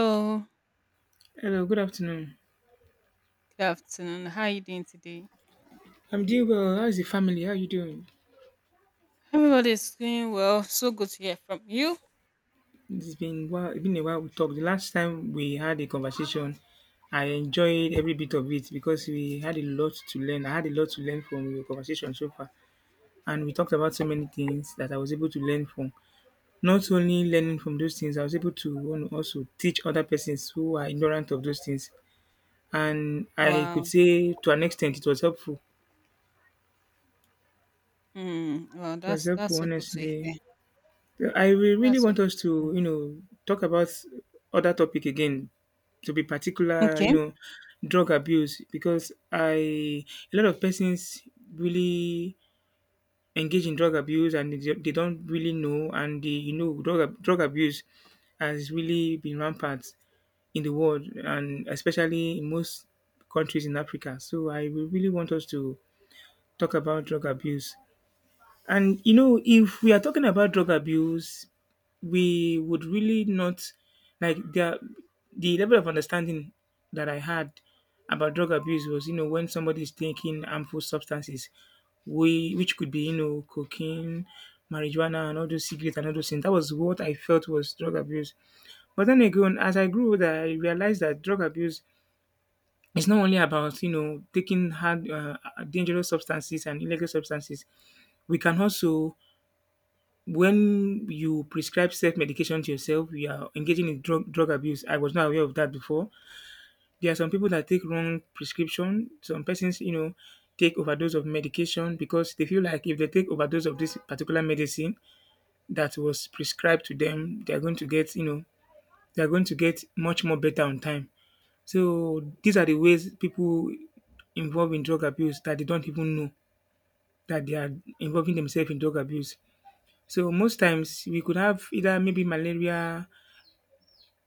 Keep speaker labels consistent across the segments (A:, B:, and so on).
A: Hello,
B: Hello, good afternoon.
A: good afternoon. How are you doing today?
B: I'm doing well. How's the family? How are you doing?
A: Everybody's doing well. So good to hear from you.
B: It's been a while we talked. The last time we had a conversation, I enjoyed every bit of it because we had a lot to learn. I had a lot to learn from your conversation so far. And we talked about so many things that I was able to learn from. Not only learning from those things, I was able to you also teach other persons who are ignorant of those things. And I could
A: Wow.
B: say to an extent it was helpful.
A: Mm, wow,
B: It was
A: that's
B: helpful,
A: that's so good to
B: honestly.
A: hear.
B: I will really
A: That's so
B: want
A: good
B: us
A: to
B: to,
A: hear.
B: talk about other topic again, to be particular,
A: Okay.
B: drug abuse because I a lot of persons really engage in drug abuse, and they don't really know, and the drug abuse has really been rampant in the world, and especially in most countries in Africa. So I will really want us to talk about drug abuse, and you know, if we are talking about drug abuse, we would really not like the level of understanding that I had about drug abuse was, when somebody is taking harmful substances, we which could be, cocaine, marijuana, and all those cigarettes and all those things. That was what I felt was drug abuse. But then again, as I grew older, I realized that drug abuse is not only about, taking hard, dangerous substances and illegal substances. We can also when you prescribe self-medication to yourself, you are engaging in drug abuse. I was not aware of that before. There are some people that take wrong prescription. Some persons, take overdose of medication because they feel like if they take overdose of this particular medicine that was prescribed to them, they are going to get, you know, they are going to get much more better on time. So these are the ways people involved in drug abuse that they don't even know that they are involving themselves in drug abuse. So most times we could have either maybe malaria.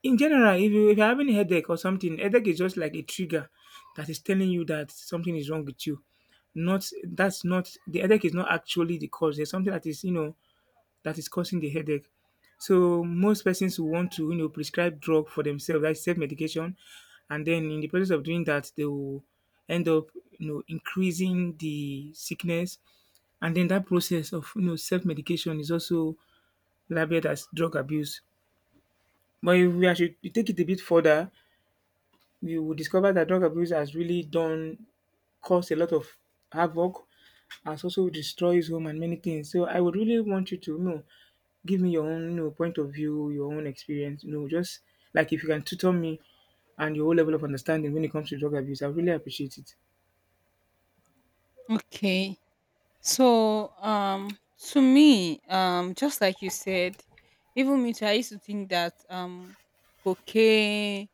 B: In general, if you're having a headache or something, headache is just like a trigger that is telling you that something is wrong with you. Not That's not the headache is not actually the cause. There's something that is that is causing the headache. So most persons will want to prescribe drug for themselves, like self medication, and then in the process of doing that, they will end up increasing the sickness, and then that process of self medication is also labeled as drug abuse. But if we take it a bit further, we will discover that drug abuse has really done caused a lot of havoc, and also destroys home and many things. So I would really want you to give me your own, point of view, your own experience. Just like if you can tutor me and your whole level of understanding when it comes to drug abuse, I really appreciate it.
A: Okay. So to me, just like you said, even me too, I used to think that cocaine,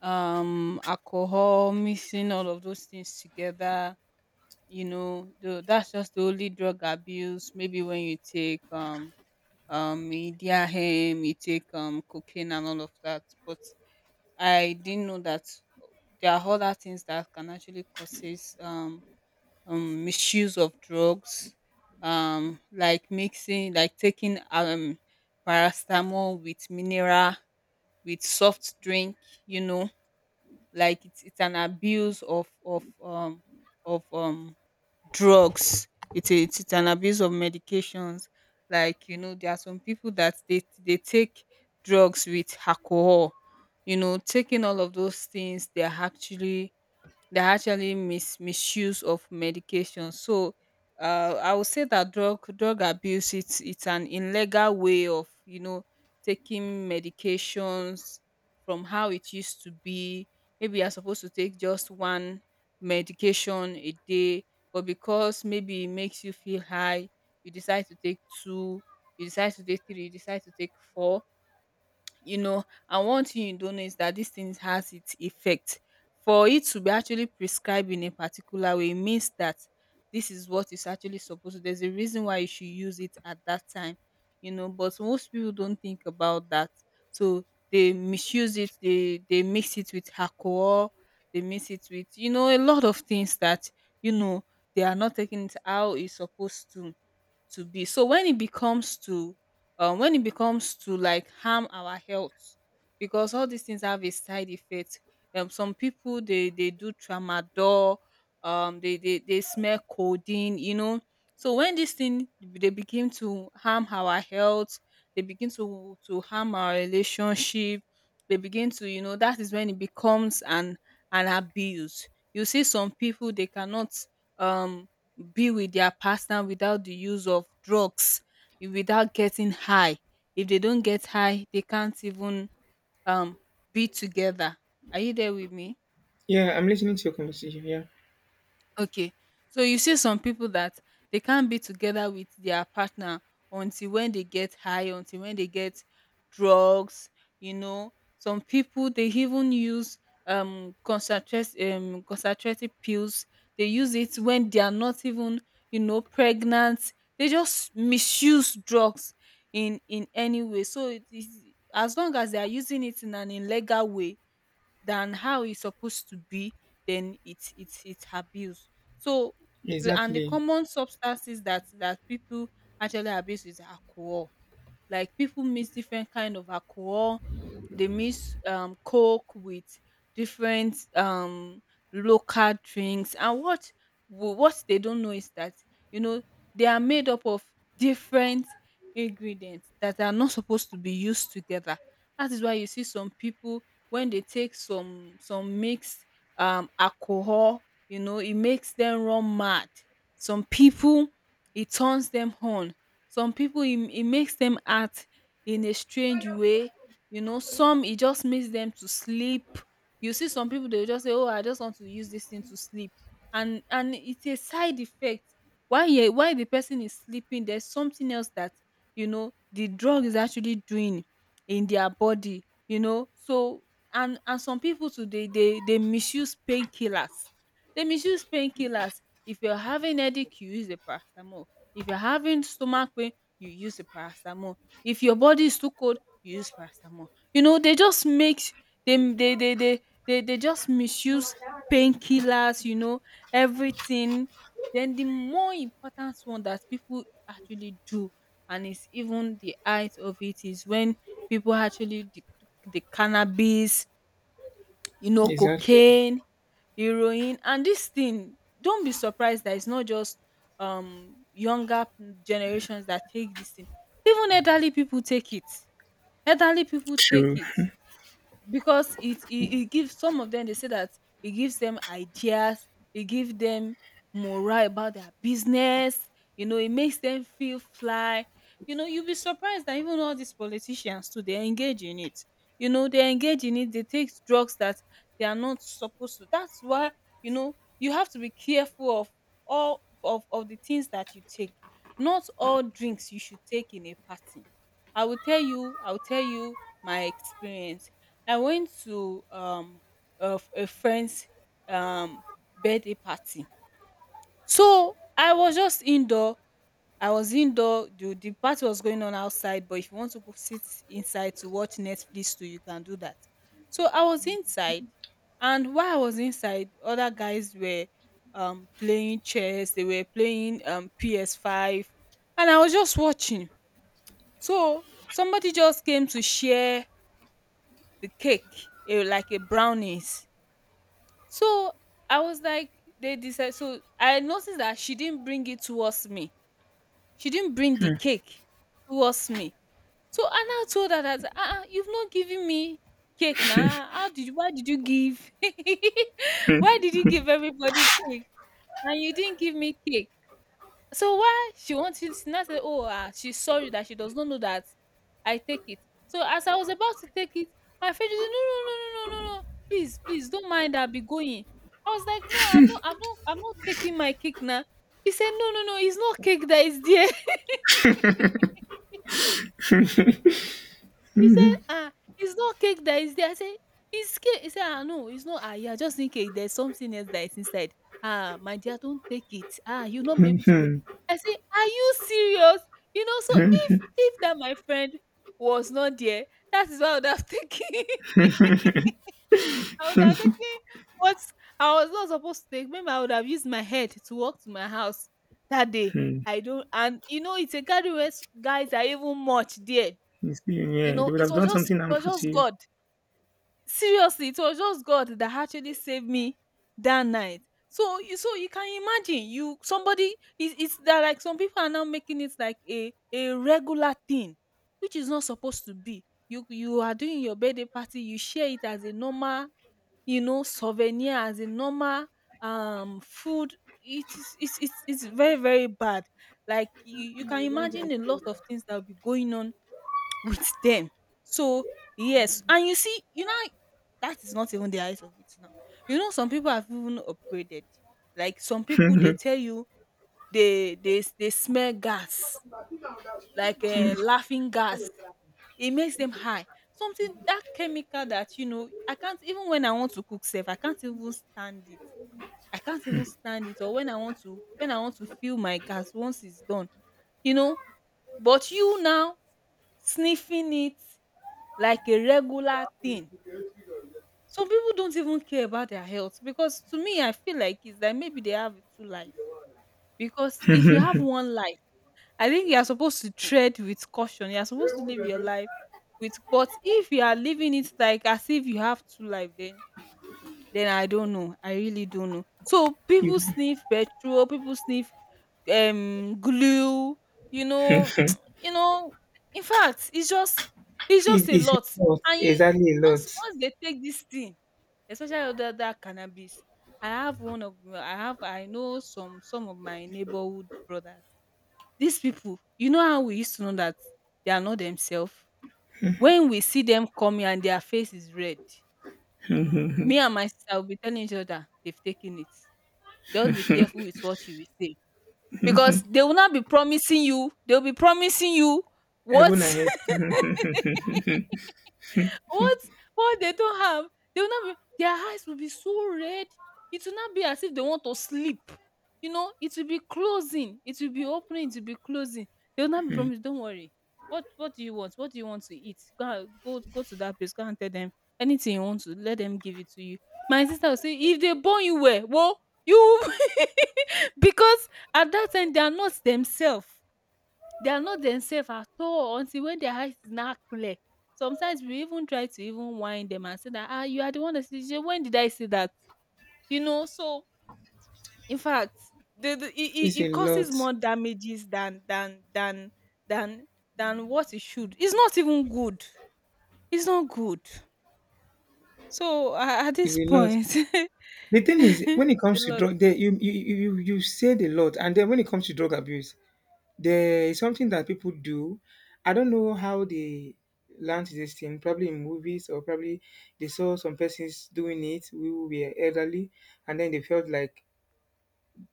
A: alcohol, mixing all of those things together, that's just the only drug abuse. Maybe when you take cocaine and all of that, but I didn't know that. Oh, there are other things that can actually causes misuse of drugs, like mixing, like taking paracetamol with mineral, with soft drink, you know like it's an abuse of drugs. It's a, it's it's an abuse of medications. Like, there are some people that they take drugs with alcohol. Taking all of those things, they're actually misuse of medication. So, I would say that drug abuse, it's an illegal way of taking medications from how it used to be. Maybe you're supposed to take just one medication a day, but because maybe it makes you feel high, you decide to take two, you decide to take three, you decide to take four, you know and one thing you don't know is that this thing has its effect. For it to be actually prescribed in a particular way means that this is what is actually supposed to, there's a reason why you should use it at that time, but most people don't think about that. So they misuse it, they mix it with alcohol, they mix it with a lot of things that, you know they are not taking it how it's supposed to be. So when it becomes to, like, harm our health, because all these things have a side effect. Some people, they do tramadol. They smell codeine. So when this thing, they begin to harm our health, they begin to harm our relationship. They begin to, that is when it becomes an abuse. You see, some people, they cannot um be with their partner without the use of drugs, without getting high. If they don't get high, they can't even um be together. Are you there with me?
B: Yeah, I'm listening to your conversation. Yeah,
A: Okay. So you see, some people that, they can't be together with their partner until when they get high, until when they get drugs, you know. Some people, they even use concentrated pills. They use it when they are not even, pregnant. They just misuse drugs in any way. So it is, as long as they are using it in an illegal way than how it's supposed to be, then it's abuse. So the
B: exactly,
A: common substances that people actually abuse is alcohol. Like, people mix different kind of alcohol. They mix coke with different local drinks. And what they don't know is that, you know they are made up of different ingredients that are not supposed to be used together. That is why you see some people, when they take some mixed alcohol, it makes them run mad. Some people, it turns them on. Some people, it makes them act in a strange way, some, it just makes them to sleep. You see, some people, they will just say, "Oh, I just want to use this thing to sleep." And it's a side effect. While the person is sleeping, there's something else that, the drug is actually doing in their body. So, and some people today, they misuse painkillers. They misuse painkillers. If you're having headache, you use a paracetamol. If you're having stomach pain, you use the paracetamol. If your body is too cold, you use paracetamol. They just make dem they just misuse painkillers, everything. Then the more important one that people actually do, and it's even the height of it, is when people actually, the cannabis,
B: exactly.
A: cocaine, heroine, and this thing, don't be surprised that it's not just younger generations that take this thing. Even elderly people take it, elderly people take
B: True.
A: it, because it gives some of them. They say that it gives them ideas, it gives them morale about their business, it makes them feel fly, you will be surprised that even all these politicians too, they engage in it, they engage in it, they take drugs that they are not supposed to. That's why, you have to be careful of all of the things that you take. Not all drinks you should take in a party. I will tell you my experience. I went to a friend's um birthday party. So I was just indoor. I was indoor. The party was going on outside, but if you want to go sit inside to watch Netflix too, you can do that. So I was inside, and while I was inside, other guys were playing chess, they were playing PS5, and I was just watching. So somebody just came to share the cake, like a brownies. So I was like, they decided. So I noticed that she didn't bring it towards me. She didn't bring the cake towards me. So Anna told her that, you've not given me cake now. How did you? Why did you give? Why did you give everybody cake and you didn't give me cake? So why she wants you to now say, "Oh, she's sorry that she does not know that I take it." So as I was about to take it, my friend just said, "No, no, no, no, no, no, no! Please, please, don't mind. I'll be going." I was like, "No, I'm not. I'm not. I'm not taking my cake now." He said, "No, no, no. It's not cake that is there." He said, "Ah, it's not cake that is there." I said, "It's cake." He said, "Ah, no, it's not. Ah, you are just thinking there's something else that is inside. Ah, my dear, don't take it. Ah, you'll not be
B: Hmm.
A: able to go." I say, "Are you serious?" So if that my friend was not there, that is what I would have taken. I would have taken what I was not supposed to take. Maybe I would have used my head to walk to my house that day.
B: Hmm.
A: I don't, and, it's a gathering where guys are even much there.
B: You see,
A: You
B: yeah, they
A: know,
B: would
A: it
B: have
A: was
B: done
A: just,
B: something
A: it was
B: harmful
A: just
B: to
A: God. Seriously, it was just God that actually saved me that night. So you can imagine, you, somebody is, it's that, like, some people are now making it like a regular thing, which is not supposed to be. You are doing your birthday party, you share it as a normal, souvenir, as a normal food, it is it's very, very bad, like you can imagine a lot of things that will be going on with them. So, yes, and you see, that is not even the eyes of it now. Some people have even upgraded. Like, some people, they
B: you.
A: tell you they smell gas, like, laughing gas. It makes them high. Something, that chemical that, I can't even when I want to cook safe, I can't even stand it. I can't even stand it. Or when I want to feel my gas once it's done, you know. But you now sniffing it like a regular thing. Some people don't even care about their health, because to me, I feel like it's like maybe they have two life. Because if you have one life, I think you are supposed to tread with caution. You are supposed to live your life with, but if you are living it like, as if you have two life, then I don't know. I really don't know. So
B: You,
A: people sniff petrol, people sniff glue, you know, you know. In fact, it's just it's just a
B: it's a
A: lot.
B: lot.
A: And you
B: Exactly, a
A: once
B: lot.
A: once they take this thing, especially that cannabis, I have one of my- I have I know some of my neighborhood brothers. These people, you know how we used to know that they are not themselves. When we see them coming and their face is red, me and my sister will be telling each other, "They've taken it. Just be careful with what you will say." Because they will not be promising you, they'll be promising you what.
B: Heaven and earth. Mhm.
A: What what they don't have, they will not be, their eyes will be so red. It will not be as if they want to sleep. You know, it will be closing, it will be opening, it will be closing. They will not be promised, don't worry. What do you want? What do you want to eat? Go to that place, go and tell them anything you want to, let them give it to you. My sister will say, if they born you well, well, you... because at that time they are not themselves. They are not themselves at all until when their eyes is not clear. Sometimes we even try to even whine them and say that, ah, you are the one that said, "Shey, when did I say that? You know, so in fact, the, it,
B: It's
A: it
B: a
A: it
B: lot.
A: causes more damages than than what it should. It's not even good. It's not good. So at
B: It's
A: this
B: a lot.
A: point,
B: The thing is,
A: it's
B: when it
A: a
B: comes to
A: lot.
B: drug, there you said a lot, and then when it comes to drug abuse, there is something that people do. I don't know how they learned this thing. Probably in movies, or probably they saw some persons doing it who were elderly, and then they felt like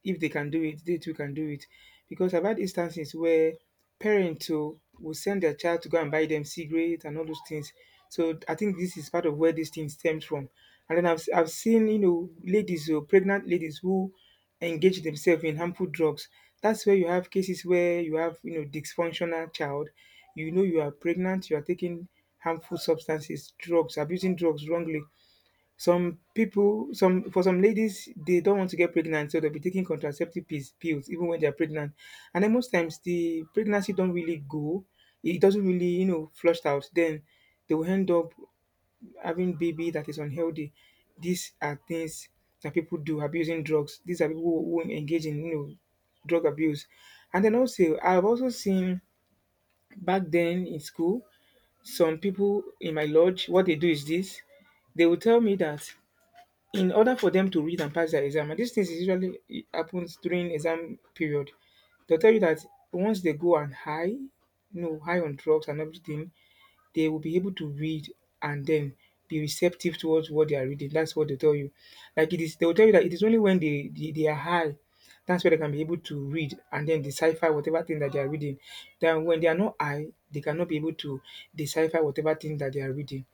B: if they can do it, they too can do it. Because I've had instances where parents too will send their child to go and buy them cigarettes and all those things. So I think this is part of where this thing stems from. And then I've seen, ladies or pregnant ladies who engage themselves in harmful drugs. That's where you have cases where you have, dysfunctional child. You know you are pregnant, you are taking harmful substances, drugs, abusing drugs wrongly. Some people, some for some ladies, they don't want to get pregnant, so they'll be taking contraceptive pills even when they're pregnant. And then most times the pregnancy don't really go, it doesn't really, flushed out. Then they will end up having baby that is unhealthy. These are things that people do abusing drugs. These are people who engage in, drug abuse. And then also, I've also seen back then in school, some people in my lodge, what they do is this they will tell me that in order for them to read and pass their exam. And these things is usually it happens during exam period. They'll tell you that once they go on high, high on drugs and everything, they will be able to read and then be receptive towards what they are reading. That's what they tell you. Like it is, they will tell you that it is only when they are high. That's where they can be able to read and then decipher whatever thing that they are reading. Then when they are not high, they cannot be able to decipher whatever thing that they are reading,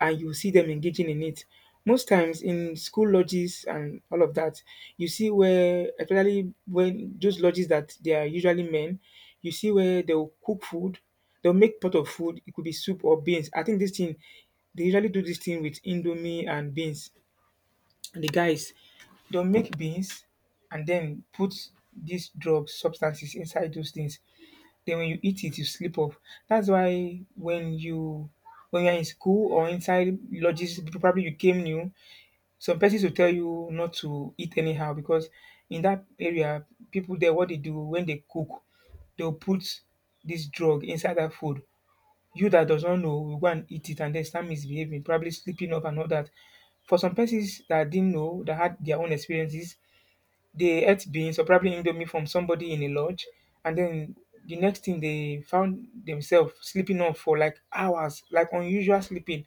B: and you see them engaging in it. Most times in school lodges and all of that, you see where, especially when those lodges that they are usually men, you see where they'll cook food, they'll make pot of food. It could be soup or beans. I think this thing, they usually do this thing with indomie and beans. And the guys, they'll make beans and then put these drugs, substances inside those things. Then when you eat it, you sleep off. That's why when you're in school or inside lodges, probably you came new, some persons will tell you not to eat anyhow because in that area, people there, what they do when they cook, they'll put this drug inside that food. You that does not know will go and eat it and then start misbehaving, probably sleeping off and all that. For some persons that didn't know, that had their own experiences, they ate beans or probably indomie from somebody in a lodge, and then the next thing they found themselves sleeping off for like hours, like unusual sleeping.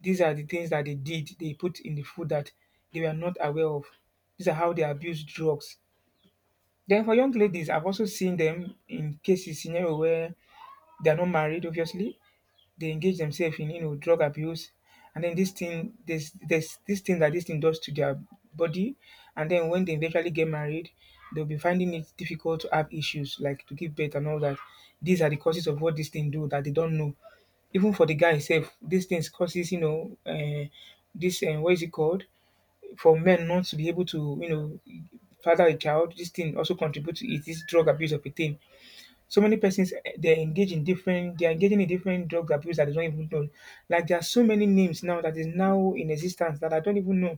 B: These are the things that they did, they put in the food that they were not aware of. These are how they abuse drugs. Then for young ladies, I've also seen them in cases scenario where they are not married, obviously, they engage themselves in drug abuse, and then this thing there's this thing that this thing does to their body, and then when they eventually get married, they'll be finding it difficult to have issues like to give birth and all that. These are the causes of what this thing do that they don't know. Even for the guy himself, these things causes, this what is it called, for men not to be able to father a child. This thing also contributes to it, this drug abuse of a thing. So many persons, they are engaging in different drug abuse that they don't even know. Like there are so many names now that is now in existence that I don't even know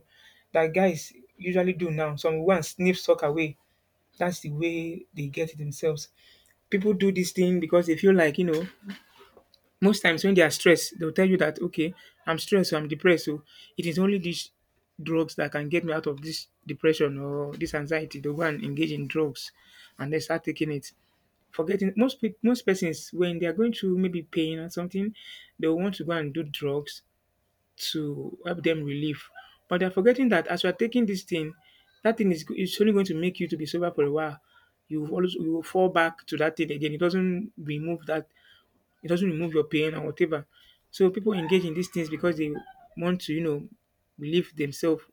B: that guys usually do now, some one sniff suck away. That's the way they get it themselves. People do this thing because they feel like most times when they are stressed, they'll tell you that okay, I'm stressed, so I'm depressed, so it is only these drugs that can get me out of this depression or this anxiety. They go and engage in drugs, and they start taking it, forgetting most persons when they are going through maybe pain or something, they will want to go and do drugs to help them relieve. But they're forgetting that as you are taking this thing, that thing is only going to make you to be sober for a while. You will fall back to that thing again. It doesn't remove your pain and whatever. So people engage in these things because they want to, relieve themselves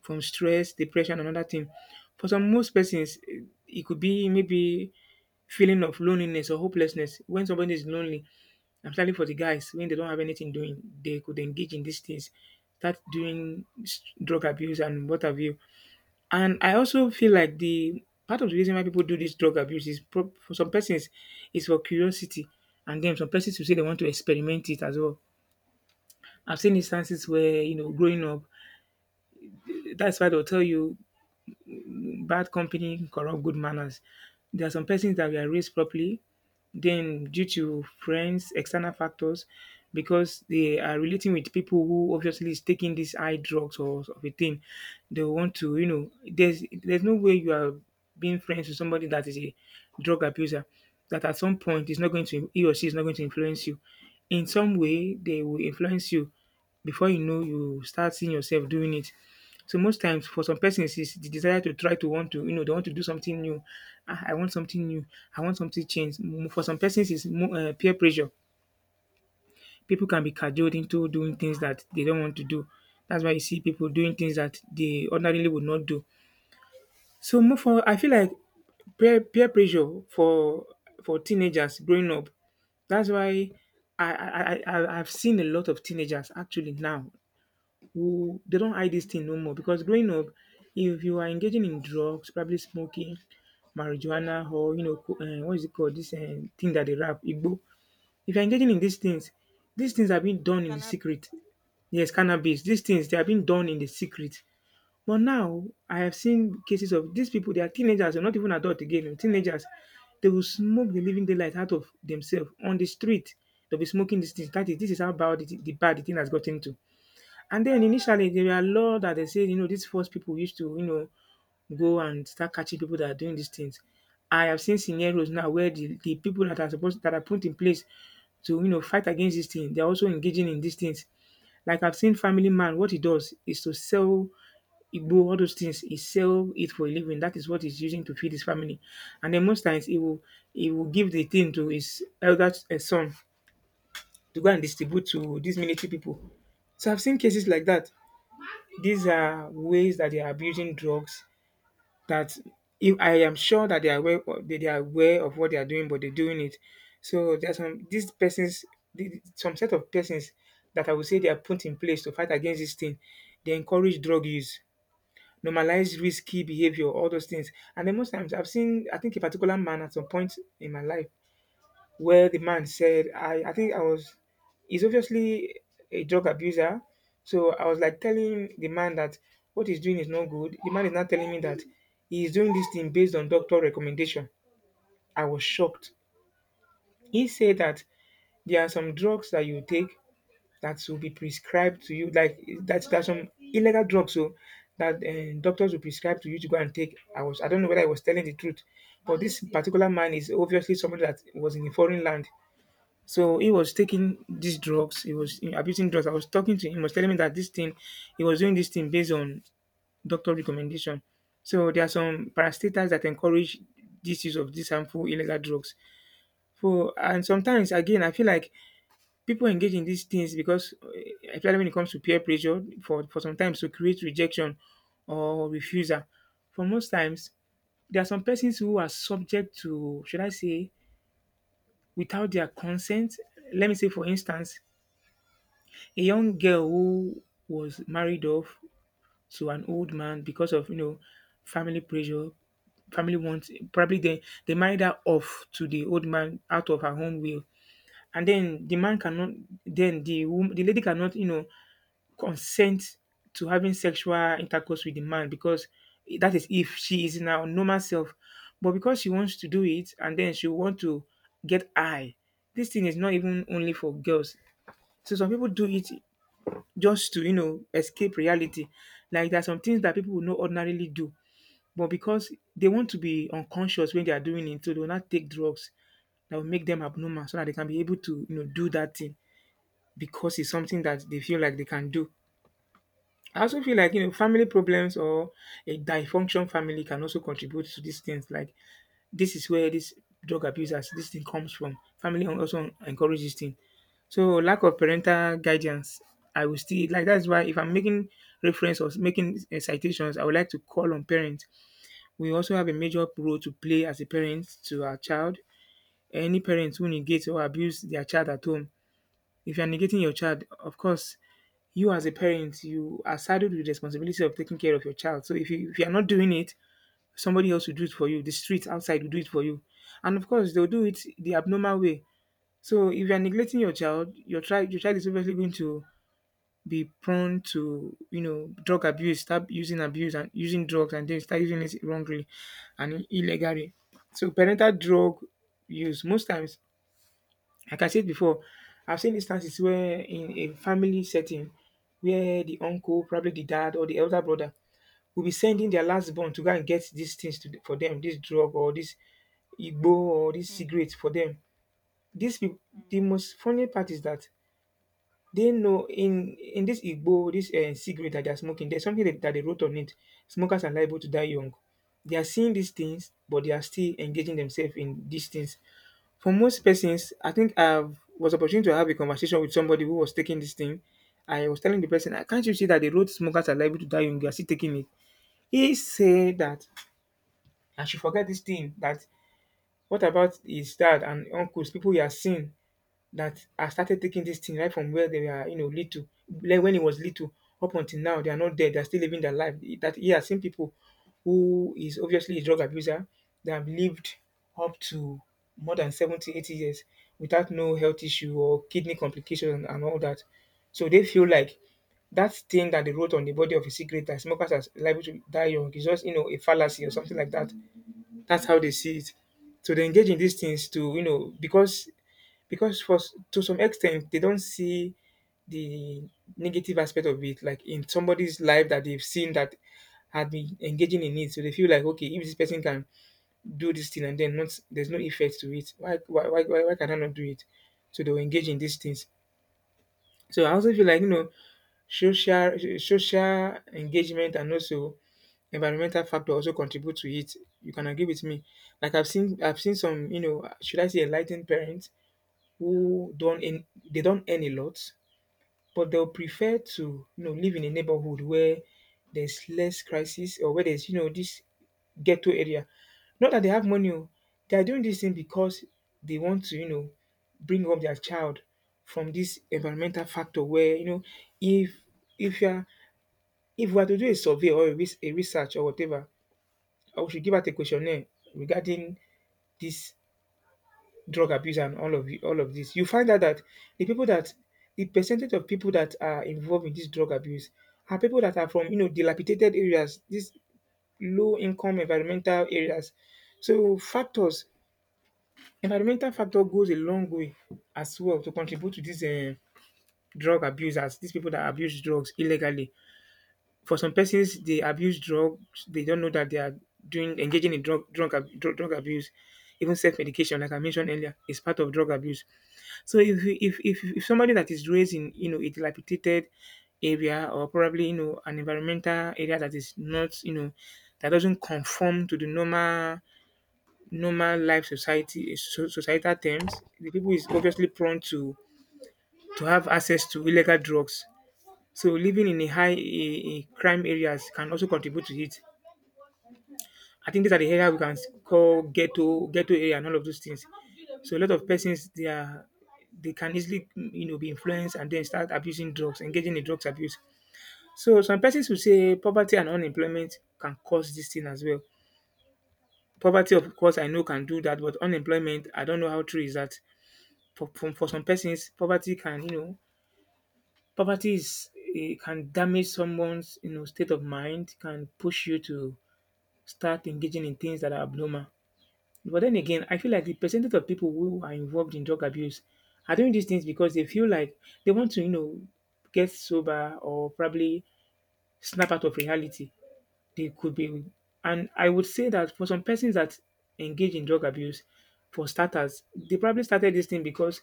B: from stress, depression, and other thing. For some most persons, it could be maybe feeling of loneliness or hopelessness. When somebody is lonely, I'm especially for the guys when they don't have anything doing, they could engage in these things, start doing drug abuse and what have you. And I also feel like the part of the reason why people do this drug abuse is prob for some persons is for curiosity, and then some persons will say they want to experiment it as well. I've seen instances where growing up, that's why they'll tell you bad company corrupt good manners. There are some persons that were raised properly, then due to friends, external factors, because they are relating with people who obviously is taking these high drugs or of a thing, they want to, there's no way you are being friends with somebody that is a drug abuser that at some point is not going to he or she is not going to influence you. In some way, they will influence you. Before you know, you start seeing yourself doing it. So most times for some persons is the desire to try to want to, they want to do something new. Ah, I want something new. I want something changed. For some persons is more peer pressure. People can be cajoled into doing things that they don't want to do. That's why you see people doing things that they ordinarily would not do. So more for I feel like peer pressure for teenagers growing up. That's why I've seen a lot of teenagers actually now who they don't hide this thing no more because growing up, if you are engaging in drugs, probably smoking, marijuana, or what is it called? This thing that they rap, Igbo. If you're engaging in these things have been
A: It
B: done in the
A: cannot be.
B: secret. Yes, cannabis. These things they have been done in the secret. But now I have seen cases of these people. They are teenagers, they're not even adult again. Teenagers, they will smoke the living daylight out of themselves on the street. They'll be smoking these things. That is, this is how bad it, the bad the thing has gotten to. And then initially there were a law that they said, these first people used to, go and start catching people that are doing these things. I have seen scenarios now where the people that are supposed that are put in place to fight against this thing, they're also engaging in these things. Like I've seen Family Man, what he does is to sell Igbo, all those things, he sell it for a living. That is what he's using to feed his family. And then most times he will give the thing to his elder son to go and distribute to these military people. So I've seen cases like that. These are ways that they are abusing drugs that if I am sure that they are aware of, they are aware of what they are doing, but they're doing it. So there's some these persons, some set of persons that I would say they are put in place to fight against this thing. They encourage drug use, normalize risky behavior, all those things. And then most times I've seen, I think a particular man at some point in my life where the man said, I think I was, he's obviously a drug abuser. So I was like telling the man that what he's doing is not good. The man is not telling me that he's doing this thing based on doctor recommendation. I was shocked. He said that there are some drugs that you take that will be prescribed to you, like that's there's some illegal drugs so that doctors will prescribe to you to go and take. I don't know whether I was telling the truth, but this particular man is obviously somebody that was in a foreign land so he was taking these drugs. He was abusing drugs. I was talking to him. He was telling me that this thing, he was doing this thing based on doctor recommendation. So there are some parastatals that encourage this use of these harmful illegal drugs. So and sometimes again, I feel like people engage in these things because, especially when it comes to peer pressure, for sometimes to create rejection or refusal. For most times, there are some persons who are subject to, should I say, without their consent. Let me say, for instance, a young girl who was married off to an old man because of family pressure, family wants. Probably they married her off to the old man out of her own will, and then the man cannot. Then the the lady cannot consent to having sexual intercourse with the man because that is if she is in her normal self, but because she wants to do it and then she want to get high. This thing is not even only for girls. So some people do it just to, escape reality. Like there are some things that people would not ordinarily do, but because they want to be unconscious when they are doing it, so they will not take drugs that will make them abnormal so that they can be able to, do that thing because it's something that they feel like they can do. I also feel like, family problems or a dysfunction family can also contribute to these things. Like this is where this drug abusers this thing comes from. Family also encourage this thing. So lack of parental guidance, I will still like that's why if I'm making reference or making citations, I would like to call on parents. We also have a major role to play as a parent to our child. Any parents who negate or abuse their child at home. If you're negating your child, of course, you as a parent, you are saddled with the responsibility of taking care of your child. So if you're not doing it, somebody else will do it for you. The street outside will do it for you. And of course, they'll do it the abnormal way. So if you're neglecting your child is obviously going to be prone to, drug abuse, start using abuse and using drugs and then start using it wrongly and illegally. So parental drug use, most times, like I said before, I've seen instances where in a family setting, where the uncle, probably the dad or the elder brother, will be sending their last born to go and get these things to, for them, this drug or this igbo or this
A: Hmm.
B: cigarette for them. These people,
A: Can
B: the
A: imagine.
B: most funny part is that they know in this igbo, this cigarette that they're smoking, there's something that they wrote on it. Smokers are liable to die young. They are seeing these things, but they are still engaging themselves in these things. For most persons, I think I was opportunity to have a conversation with somebody who was taking this thing. I was telling the person, "Ah, can't you see that the road smokers are liable to die young? You are still taking it." He said that, and she forget this thing that what about his dad and uncles, people he has seen that have started taking this thing right from where they were, little, like when he was little, up until now, they are not dead, they are still living their life. That he has seen people who is obviously a drug abuser, they have lived up to more than 70, 80 years without no health issue or kidney complications and all that. So they feel like that thing that they wrote on the body of a cigarette that smokers are liable to die young is just, a fallacy or something like that. That's how they see it. So they engage in these things to because for to some extent they don't see the negative aspect of it, like in somebody's life that they've seen that had been engaging in it. So they feel like okay, if this person can do this thing and then not there's no effect to it, why can I not do it? So they'll engage in these things. So I also feel like social engagement and also environmental factor also contribute to it. You can agree with me. Like I've seen some, should I say enlightened parents who don't in they don't earn a lot, but they'll prefer to, live in a neighborhood where there's less crisis or where there's, this ghetto area. Not that they have money. Oh, they are doing this thing because they want to, you know, bring up their child from this environmental factor where, you know, if if you are if we are to do a survey or a a research or whatever, or we should give out a questionnaire regarding this drug abuse and all of this. You find out that the people that the percentage of people that are involved in this drug abuse are people that are from, you know, dilapidated areas, these low income environmental areas. So factors, environmental factor goes a long way as well to contribute to this drug abuse as these people that abuse drugs illegally. For some persons, they abuse drugs. They don't know that they are doing engaging in drug abuse. Even self medication, like I mentioned earlier, is part of drug abuse. So if, you- if somebody that is raised in, you know, a dilapidated area, or probably, you know, an environmental area that is not, you know, that doesn't conform to the normal life society, so societal terms, the people is obviously prone to have access to illegal drugs. So living in a crime areas can also contribute to it. I think these are the area we can call ghetto area, and all of those things. So a lot of persons, they are they can easily, you know, be influenced and then start abusing drugs, engaging in drugs abuse. So some persons will say poverty and unemployment can cause this thing as well. Poverty, of course, I know can do that, but unemployment, I don't know how true is that. For some persons, poverty can, you know, poverty is it can damage someone's, you know, state of mind, can push you to start engaging in things that are abnormal. But then again, I feel like the percentage of people who are involved in drug abuse are doing these things because they feel like they want to, you know, get sober, or probably snap out of reality. They could be, and I would say that for some persons that engage in drug abuse, for starters, they probably started this thing because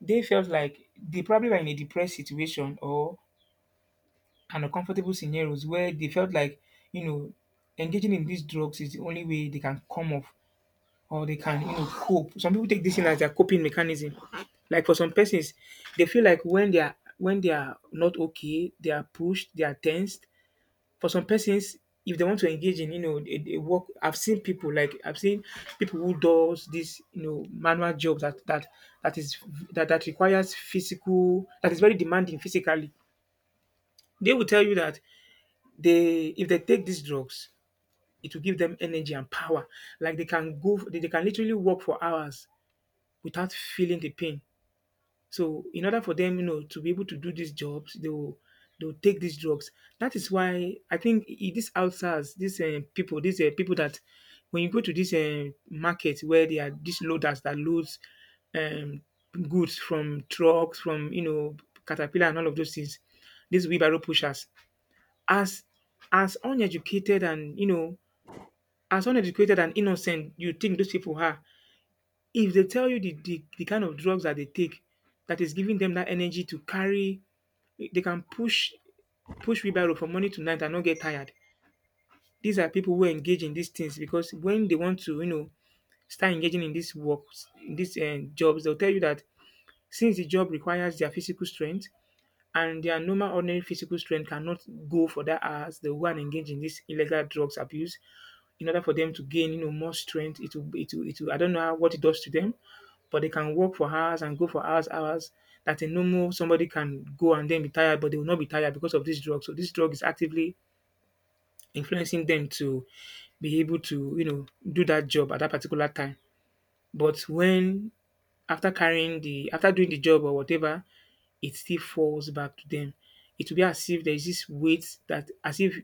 B: they felt like they probably were in a depressed situation or an uncomfortable scenarios where they felt like, you know, engaging in these drugs is the only way they can come off or they can, you know, cope. Some people take this thing as their coping mechanism. Like for some persons, they feel like when they are not okay, they are pushed, they are tensed. For some persons, if they want to engage in, you know, a work, I've seen people who does this, you know, manual job that is that requires physical, that is very demanding physically. They will tell you that they if they take these drugs, it will give them energy and power. Like they can they can literally work for hours without feeling the pain. So in order for them, you know, to be able to do these jobs, they will take these drugs. That is why I think these outsiders, these people, these people that when you go to this market where they are these loaders that loads um, goods from trucks, from, you know, caterpillar and all of those things, these wheelbarrow pushers, as as uneducated and you know as uneducated and innocent you think those people are, if they tell you the kind of drugs that they take that is giving them that energy to carry, they can push push wheelbarrow from morning to night and not get tired. These are people who engage in these things because when they want to, you know, start engaging in these works, in these jobs, they'll tell you that since the job requires their physical strength, and their normal ordinary physical strength cannot go for that hours. They will go and engage in this illegal drugs abuse in order for them to gain, you know, more strength. It will, I don't know how, what it does to them, but they can work for hours and go for hours. That a normal somebody can go and then be tired, but they will not be tired because of this drug. So this drug is actively influencing them to be able to, you know, do that job at that particular time. But when after carrying the after doing the job or whatever, it still falls back to them. It will be as if there is this weight that, as if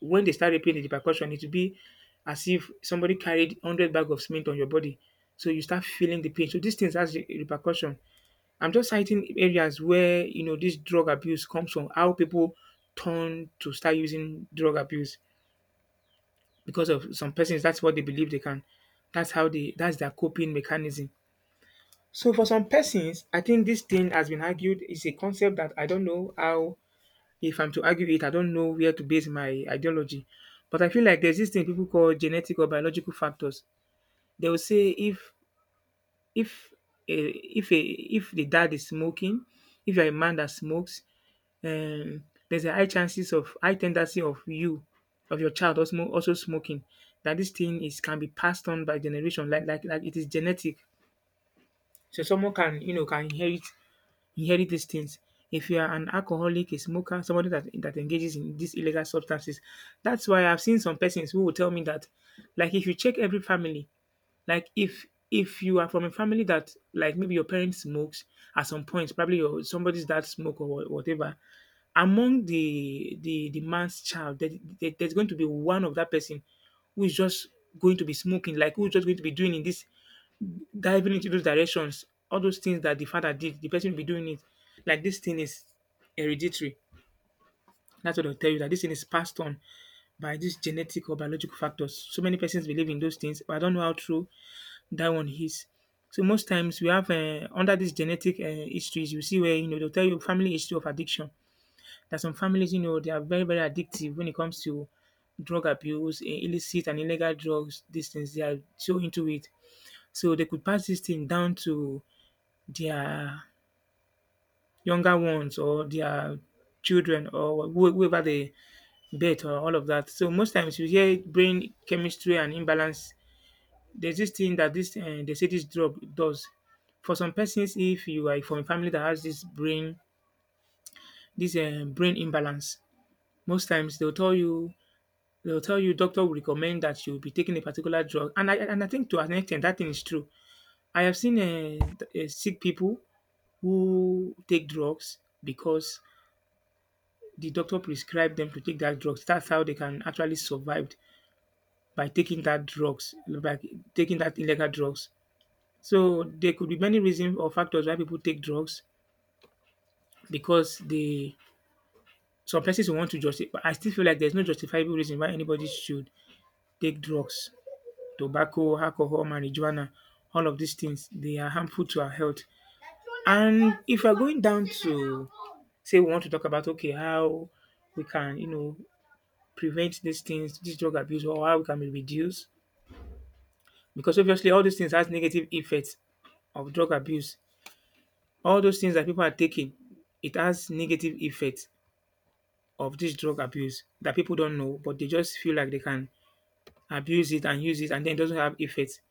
B: when they start repaying the repercussion, it will be as if somebody carried 100 bags of cement on your body. So you start feeling the pain. So these things has repercussion. I'm just citing areas where, you know, this drug abuse comes from, how people turn to start using drug abuse because of some persons. That's what they believe they can. That's how they. That's their coping mechanism. So for some persons, I think this thing has been argued is a concept that I don't know how, if I'm to argue it, I don't know where to base my ideology. But I feel like there's this thing people call genetic or biological factors. They will say if if the dad is smoking, if you're a man that smokes, um, there's a high chances of high tendency of you of your child also smoking. That this thing is can be passed on by generation, like it is genetic. So someone can, you know, can inherit these things. If you are an alcoholic, a smoker, somebody that engages in these illegal substances, that's why I've seen some persons who will tell me that, like if you check every family, like if you are from a family that, like, maybe your parents smokes at some point, probably your somebody's dad smoke or whatever, among the man's child, there's going to be one of that person who is just going to be smoking, like who's just going to be doing in this diving into those directions, all those things that the father did, the person will be doing it. Like this thing is hereditary. That's what they'll tell you, that this thing is passed on by these genetic or biological factors. So many persons believe in those things, but I don't know how true that one is. So most times we have under these genetic histories, you see where, you know, they'll tell you family history of addiction. That some families, you know, they are very addictive when it comes to drug abuse, illicit and illegal drugs. These things they are so into it, so they could pass this thing down to their younger ones or their children or whoever they birth or all of that. So most times you hear brain chemistry and imbalance. There's this thing that this they say this drug does. For some persons, if you are from a family that has this brain imbalance, most times they'll tell you doctor will recommend that you be taking a particular drug. And I think to an extent that thing is true. I have seen sick people who take drugs because the doctor prescribed them to take that drugs. That's how they can actually survive by taking that drugs, by taking that illegal drugs. So there could be many reasons or factors why people take drugs because they some persons want to justify. I still feel like there's no justifiable reason why anybody should take drugs. Tobacco, alcohol, marijuana, all of these things they are harmful to our health. And if we're going down to say we want to talk about, okay, how we can, you know, prevent these things, this drug abuse, or how we can reduce. Because obviously all these things has negative effects of drug abuse. All those things that people are taking, it has negative effects of this drug abuse that people don't know, but they just feel like they can abuse it and use it and then it doesn't have effects.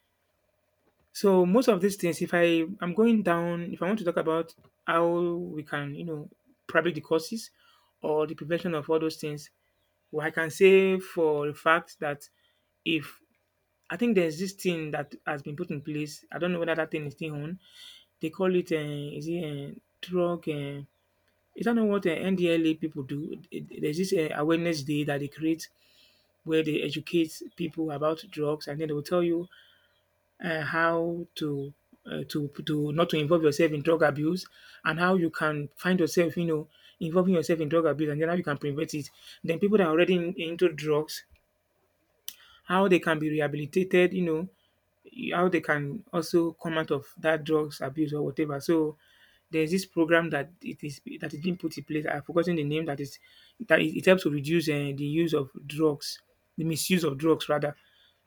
B: So most of these things, if I'm going down, if I want to talk about how we can, you know, probably the causes or the prevention of all those things, well, I can say for a fact that if I think there's this thing that has been put in place. I don't know whether that thing is still on. They call it, is it drug? Is that not what NDLA people do? There's this awareness day that they create where they educate people about drugs, and then they will tell you how to. Not to involve yourself in drug abuse, and how you can find yourself involving yourself in drug abuse, and then how you can prevent it. Then people that are already into drugs, how they can be rehabilitated, how they can also come out of that drugs abuse or whatever. So there's this program that it is that is being put in place. I've forgotten the name that is that it helps to reduce the use of drugs, the misuse of drugs rather.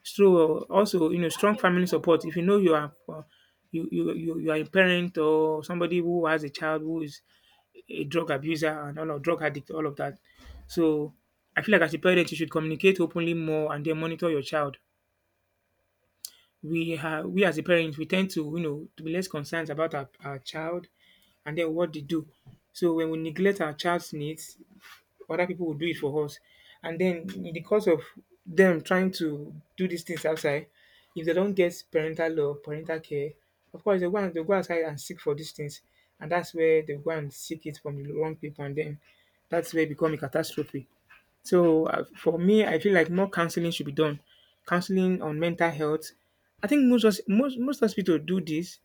B: So, also, strong family support. If you know you are you are a parent, or somebody who has a child who is a drug abuser, and all of drug addict, all of that. So I feel like as a parent, you should communicate openly more and then monitor your child. We as a parent, we tend to be less concerned about our child and then what they do. So when we neglect our child's needs, other people will do it for us. And then in the course of them trying to do these things outside, if they don't get parental love, parental care, of course they'll go outside and seek for these things. And that's where they go and seek it from the wrong people, and then that's where it become a catastrophe. So, for me, I feel like more counseling should be done. Counseling on mental health. I think most hospitals do this.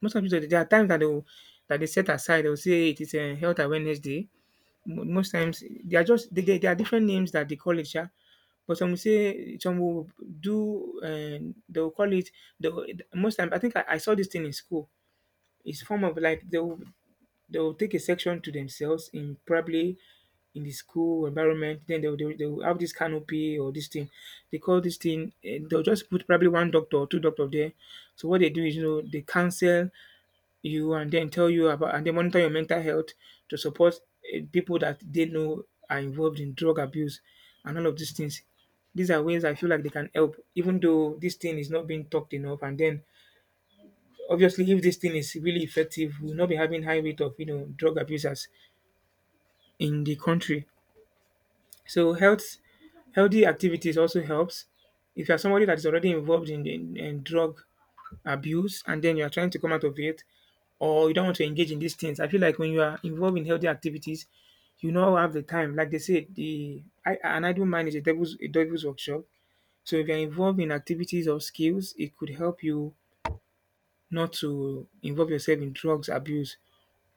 B: Most hospitals, there are times that they set aside. They will say, "Hey, it is a health awareness day." Mo most times they are just, they there are different names that they call it, yeah. But some will say, some will do, and they will call it the most time. I think I saw this thing in school. It's form of like they will take a section to themselves in probably in the school environment. Then they will have this canopy or this thing. They call this thing, they'll just put probably one doctor or two doctor there. So what they do is, they cancel you and then tell you about, and then monitor your mental health, to support people that they know are involved in drug abuse and all of these things. These are ways I feel like they can help, even though this thing is not being talked enough. And then, obviously, if this thing is really effective, we'll not be having high rate of drug abusers in the country. So healthy activities also helps. If you are somebody that is already involved in drug abuse and then you are trying to come out of it, or you don't want to engage in these things, I feel like when you are involved in healthy activities, you now have the time. Like they say, an idle mind is a devil's workshop. So if you're involved in activities or skills, it could help you not to involve yourself in drugs abuse.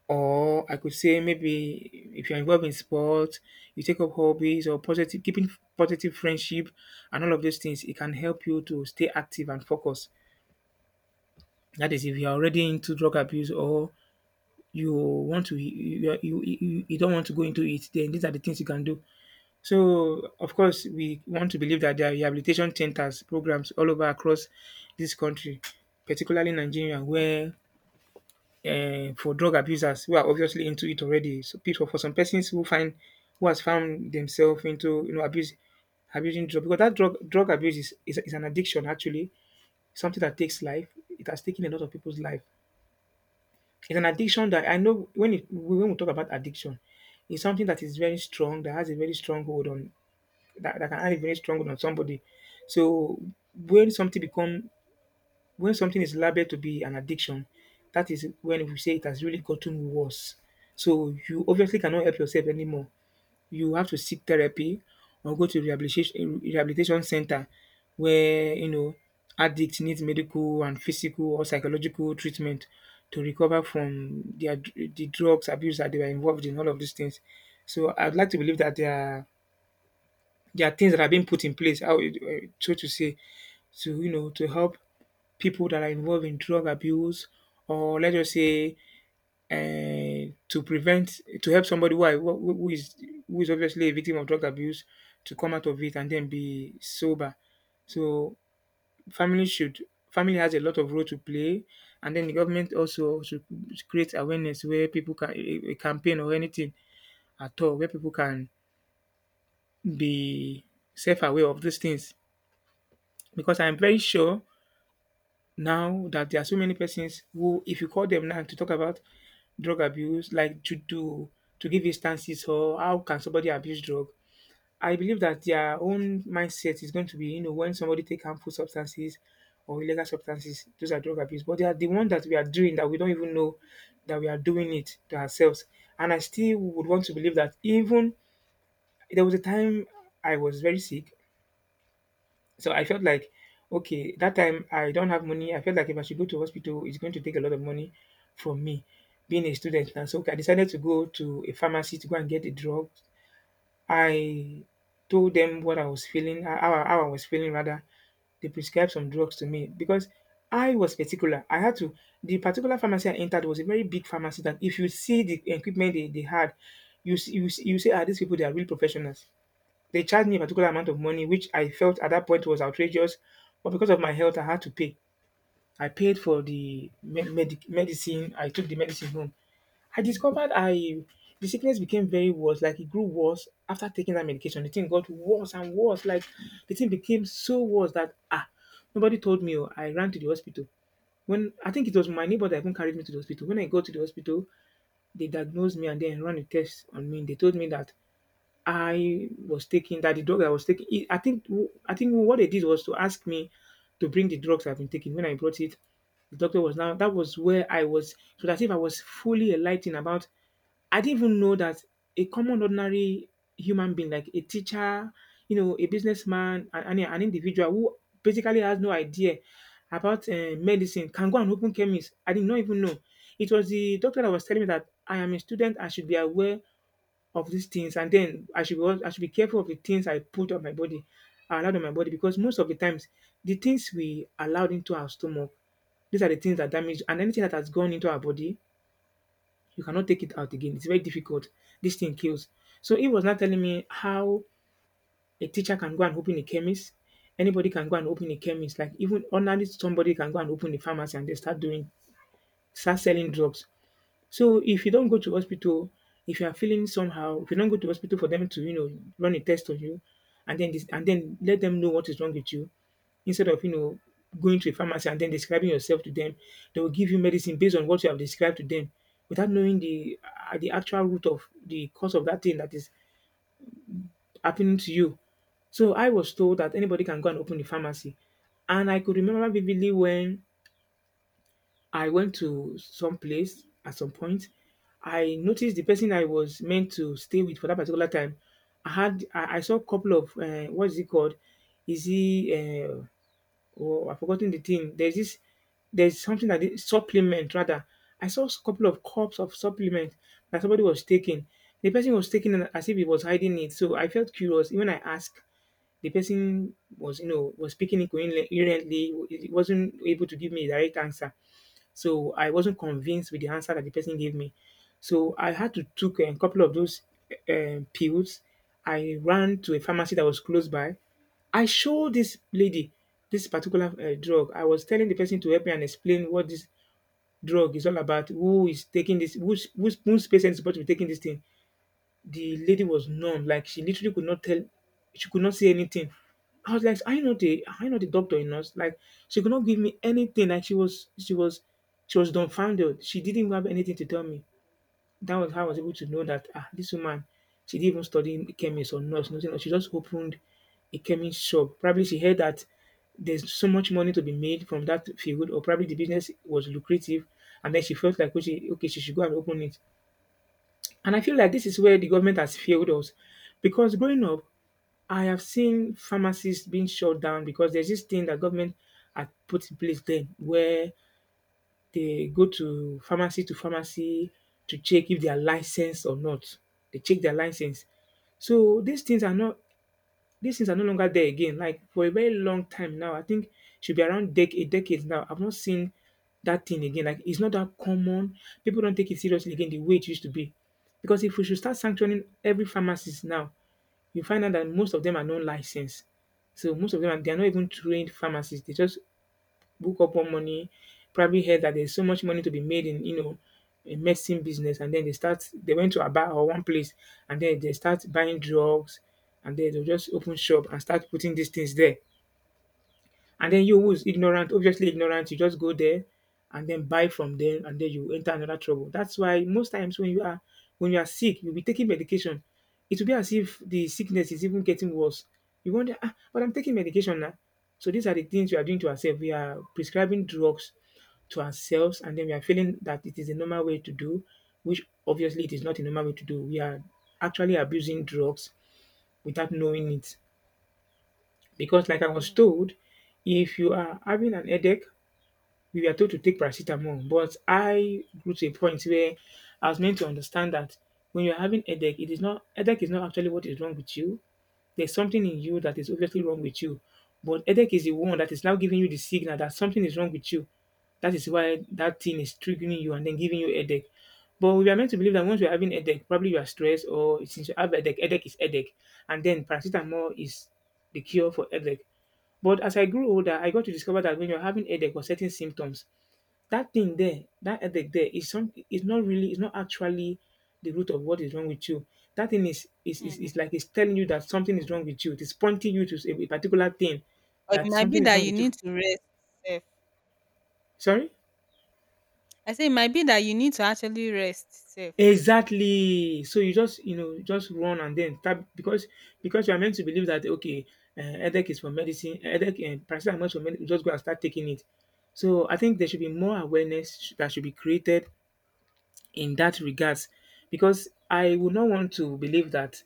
B: Or I could say, maybe if you're involved in sports, you take up hobbies, or positive keeping, positive friendship, and all of those things, it can help you to stay active and focused. That is, if you're already into drug abuse, or you want to, you don't want to go into it, then these are the things you can do. So of course, we want to believe that there are rehabilitation centers, programs all over across this country, particularly Nigeria, where for drug abusers who are obviously into it already. So people, for some persons who find, who has found themselves into you know abuse abusing drug, because that drug abuse is an addiction, actually. Something that takes life. It has taken a lot of people's life. It's an addiction that I know, when we talk about addiction, it's something that is very strong, that has a very strong hold on that, that can have a very strong hold on somebody. So when something become when something is labeled to be an addiction, that is when we say it has really gotten worse. So you obviously cannot help yourself anymore. You have to seek therapy, or go to rehabilitation center, where, you know, addict needs medical and physical or psychological treatment to recover from the drugs abuse that they were involved in, all of these things. So I'd like to believe that there are things that are being put in place, so to say, to, you know, to help people that are involved in drug abuse, or let's just say, and to prevent, to help somebody who, are- who is obviously a victim of drug abuse, to come out of it and then be sober. So family should, family has a lot of role to play, and then the government also should create awareness where people can, a campaign or anything at all where people can be self aware of these things, because I'm very sure now that there are so many persons who, if you call them now to talk about drug abuse, like to give instances, or how can somebody abuse drug, I believe that their own mindset is going to be, when somebody take harmful substances or illegal substances, those are drug abuse. But they are the one that we are doing, that we don't even know that we are doing it to ourselves. And I still would want to believe that, even there was a time I was very sick, so I felt like, okay, that time I don't have money. I felt like if I should go to hospital, it's going to take a lot of money from me, being a student now. So I decided to go to a pharmacy to go and get a drug. I told them what I was feeling, how I was feeling rather. They prescribed some drugs to me because I was particular. The particular pharmacy I entered was a very big pharmacy, that if you see the equipment they had, you say, ah, these people, they are real professionals. They charged me a particular amount of money, which I felt at that point was outrageous, but because of my health, I had to pay. I paid for the medicine. I took the medicine home. I discovered I the sickness became very worse. Like, it grew worse after taking that medication. The thing got worse and worse. Like, the thing became so worse that, nobody told me. Oh, I ran to the hospital, when I think it was my neighbor that even carried me to the hospital. When I got to the hospital, they diagnosed me and then ran a test on me. They told me that I was taking, that the drug I was taking, it, I think what they did was to ask me to bring the drugs I've been taking. When I brought it, the doctor was now. That was where I was. So that if I was fully enlightened about, I didn't even know that a common ordinary human being like a teacher, a businessman, and an individual who basically has no idea about medicine, can go and open chemist. I did not even know. It was the doctor that was telling me that I am a student, I should be aware of these things, and then I should be careful of the things I put on my body, I allowed on my body, because most of the times, the things we allowed into our stomach, these are the things that damage. And anything that has gone into our body, you cannot take it out again. It's very difficult. This thing kills. So he was not telling me how a teacher can go and open a chemist. Anybody can go and open a chemist. Like, even ordinarily, somebody can go and open a pharmacy and they start selling drugs. So if you don't go to hospital, if you are feeling somehow, if you don't go to hospital for them to run a test on you, and then let them know what is wrong with you, instead of going to a pharmacy and then describing yourself to them, they will give you medicine based on what you have described to them, without knowing the actual root of the cause of that thing that is happening to you. So I was told that anybody can go and open a pharmacy. And I could remember vividly when I went to some place at some point. I noticed the person I was meant to stay with for that particular time. I saw a couple of what is it called? Is he uh, oh I've forgotten the thing. There's something that is supplement rather. I saw a couple of cups of supplement that somebody was taking. The person was taking it as if he was hiding it. So I felt curious. Even I asked the person was was speaking incoherently, he wasn't able to give me a direct answer, so I wasn't convinced with the answer that the person gave me, so I had to took a couple of those pills. I ran to a pharmacy that was close by. I showed this lady this particular drug. I was telling the person to help me and explain what this drug is all about, who is taking this, whose patient is supposed to be taking this thing. The lady was numb, like she literally could not tell, she could not say anything. I was like, "Are you not a, are you not a doctor in us?" Like she could not give me anything. Like she was dumbfounded. She didn't have anything to tell me. That was how I was able to know that ah, this woman, she didn't even study chemist or nurse, nothing. She just opened a chemist shop. Probably she heard that there's so much money to be made from that field, or probably the business was lucrative, and then she felt like okay, she should go and open it. And I feel like this is where the government has failed us because growing up, I have seen pharmacies being shut down because there's this thing that government had put in place then where they go to pharmacy to pharmacy to check if they are licensed or not. They check their license. So these things are no longer there again. Like for a very long time now, I think should be around a decade now. I've not seen that thing again. Like it's not that common. People don't take it seriously again the way it used to be. Because if we should start sanctioning every pharmacist now, you find out that most of them are non licensed. So most of them are, they are not even trained pharmacists. They just book up one money. Probably heard that there's so much money to be made in, you know, a medicine business. And then they went to Aba or one place and then they start buying drugs and then they'll just open shop and start putting these things there. And then you who's ignorant, obviously ignorant, you just go there and then buy from them and then you enter another trouble. That's why most times when you are sick, you'll be taking medication. It will be as if the sickness is even getting worse. You wonder, ah, but I'm taking medication now. So these are the things we are doing to ourselves. We are prescribing drugs to ourselves and then we are feeling that it is a normal way to do, which obviously it is not a normal way to do. We are actually abusing drugs without knowing it. Because like I was
A: Hmm.
B: told, if you are having an headache, we are told to take paracetamol. But I grew to a point where I was meant to understand that when you're having headache, it is not headache is not actually what is wrong with you. There's something in you that is obviously wrong with you. But headache is the one that is now giving you the signal that something is wrong with you. That is why that thing is triggering you and then giving you headache. But we are meant to believe that once you're having headache, probably you are stressed or since you have headache, headache is headache. And then paracetamol is the cure for headache. But as I grew older, I got to discover that when you're having headache or certain symptoms, that thing there, that headache there is not really is not actually the root of what is wrong with you. That thing
A: Mm.
B: is like it's telling you that something is wrong with you. It is pointing you to a particular thing
A: Or it
B: that
A: might be
B: something is
A: that
B: wrong
A: you
B: with
A: need
B: you.
A: to rest safe.
B: Sorry?
A: I say it might be that you need to actually rest safe.
B: Exactly. So you just, you know, just run and then tap because you are meant to believe that okay headache is for medicine headache and paracetamol is for medicine just go and start taking it. So I think there should be more awareness that should be created in that regards because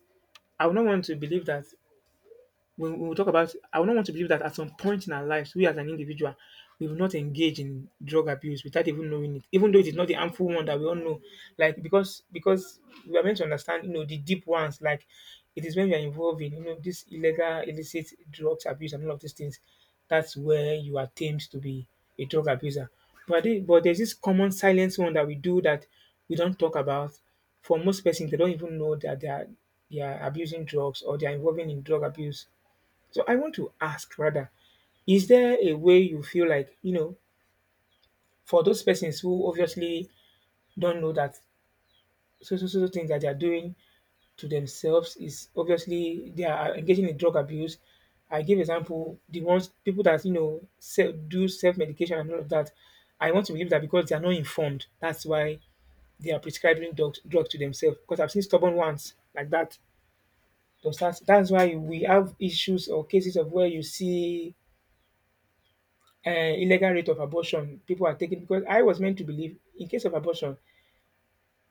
B: I would not want to believe that when we talk about, I do not want to believe that at some point in our lives, we as an individual, we will not engage in drug abuse without even knowing it, even though it is not the harmful one that we all know. Like because we are meant to understand, you know, the deep ones. Like it is when you are involved in, you know, this illegal, illicit drugs abuse and all of these things. That's where you are tamed to be a drug abuser. But there's this common silence one that we do that we don't talk about. For most persons, they don't even know that they are abusing drugs or they are involving in drug abuse. So I want to ask rather, is there a way you feel like, you know, for those persons who obviously don't know that so things that they are doing to themselves is obviously they are engaging in drug abuse. I give example the ones people that you know self, do self medication and all of that. I want to believe that because they are not informed, that's why they are prescribing drug to themselves. Because I've seen stubborn ones like that. That's why we have issues or cases of where you see illegal rate of abortion people are taking because I was meant to believe in case of abortion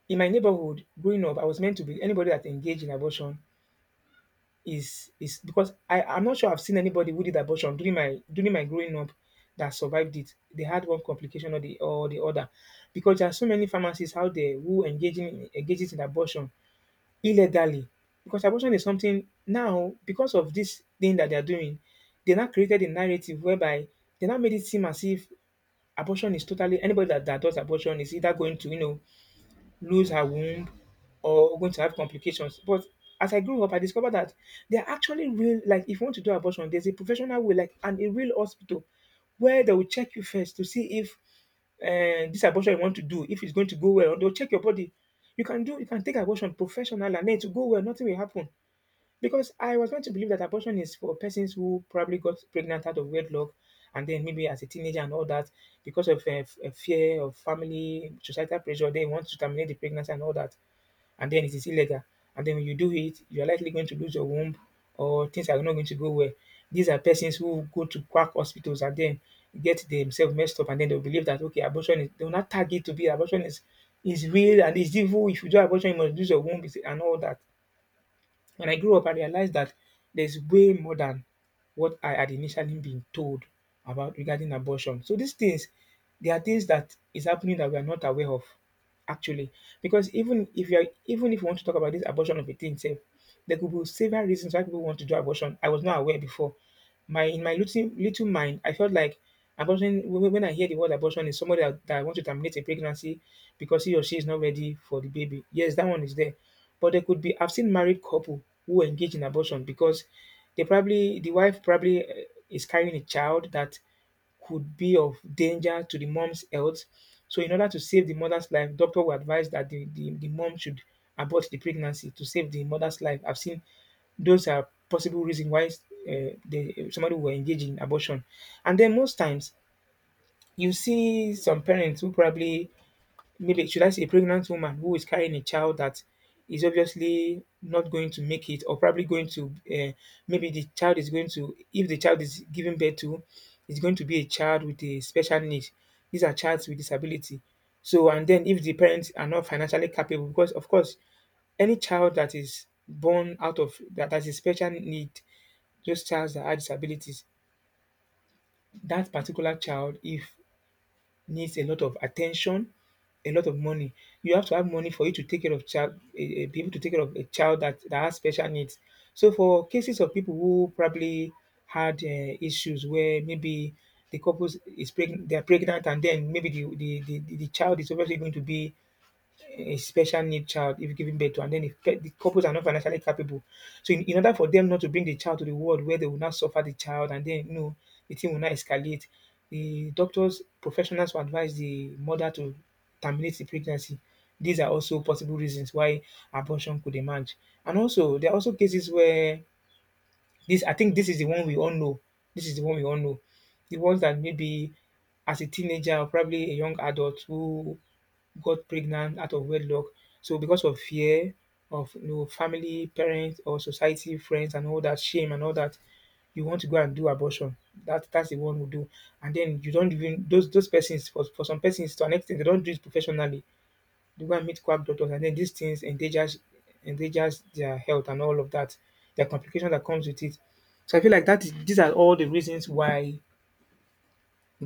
B: in my neighborhood growing up I was meant to believe anybody that engaged in abortion is because I'm not sure I've seen anybody who did abortion during my growing up that survived it. They had one complication or the other, because there are so many pharmacies out there who engaging engages in abortion illegally, because abortion is something now because of this thing that they are doing, they now created a narrative whereby they now made it seem as if abortion is totally, anybody that does abortion is either going to, you know, lose her womb or going to have complications. But as I grew up, I discovered that there are actually real, like, if you want to do abortion, there's a professional way, like, and a real hospital where they will check you first to see if this abortion you want to do if it's going to go well. They'll check your body. You can do, you can take abortion professional and then to go well, nothing will happen. Because I was meant to believe that abortion is for persons who probably got pregnant out of wedlock and then maybe as a teenager and all that, because of fear of family, societal pressure, they want to terminate the pregnancy and all that. And then it is illegal. And then when you do it, you're likely going to lose your womb or things are not going to go well. These are persons who go to quack hospitals and then get themselves messed up and then they'll believe that, okay, they'll not tag it to be abortion is real and is evil. If you do abortion, you must lose your womb and all that. When I grew up, I realized that there's way more than what I had initially been told about regarding abortion. So these things, there are things that is happening that we are not aware of, actually. Because even if you want to talk about this abortion of a thing, say, there could be several reasons why people want to do abortion. I was not aware before, my in my little little mind, I felt like abortion. When I hear the word abortion, is somebody that wants to terminate a pregnancy because he or she is not ready for the baby. Yes, that one is there, but there could be. I've seen married couple who engage in abortion because they probably, the wife probably is carrying a child that could be of danger to the mom's health. So, in order to save the mother's life, doctor will advise that the mom should abort the pregnancy to save the mother's life. I've seen those are possible reasons why somebody will engage in abortion. And then most times, you see some parents who probably maybe should I say a pregnant woman who is carrying a child that is obviously not going to make it, or probably going to maybe the child is going to if the child, is given birth to, is going to be a child with a special need. These are child with disability. So and then if the parents are not financially capable, because of course any child that is born out of that has a special need, those child that have disabilities, that particular child if needs a lot of attention, a lot of money. You have to have money for you to take care of child, be able to take care of a child that, that has special needs. So for cases of people who probably had issues where maybe the couple is pregnant, they are pregnant, and then maybe the child is obviously going to be a special need child if giving birth to, and then if the couples are not financially capable. So, in order for them not to bring the child to the world, where they will not suffer the child, and then you know the thing will not escalate, the doctors professionals will advise the mother to terminate the pregnancy. These are also possible reasons why abortion could emerge. And also, there are also cases where this I think this is the one we all know. This is the one we all know. The ones that maybe as a teenager, or probably a young adult, who got pregnant out of wedlock. So because of fear of, you know, family, parents, or society, friends, and all that shame and all that, you want to go and do abortion. That's the one who do. And then you don't even, those persons, for some persons, to an extent they don't do it professionally. They go and meet quack doctors, and then these things endangers their health and all of that. Their complication that comes with it. So I feel like that is these are all the reasons why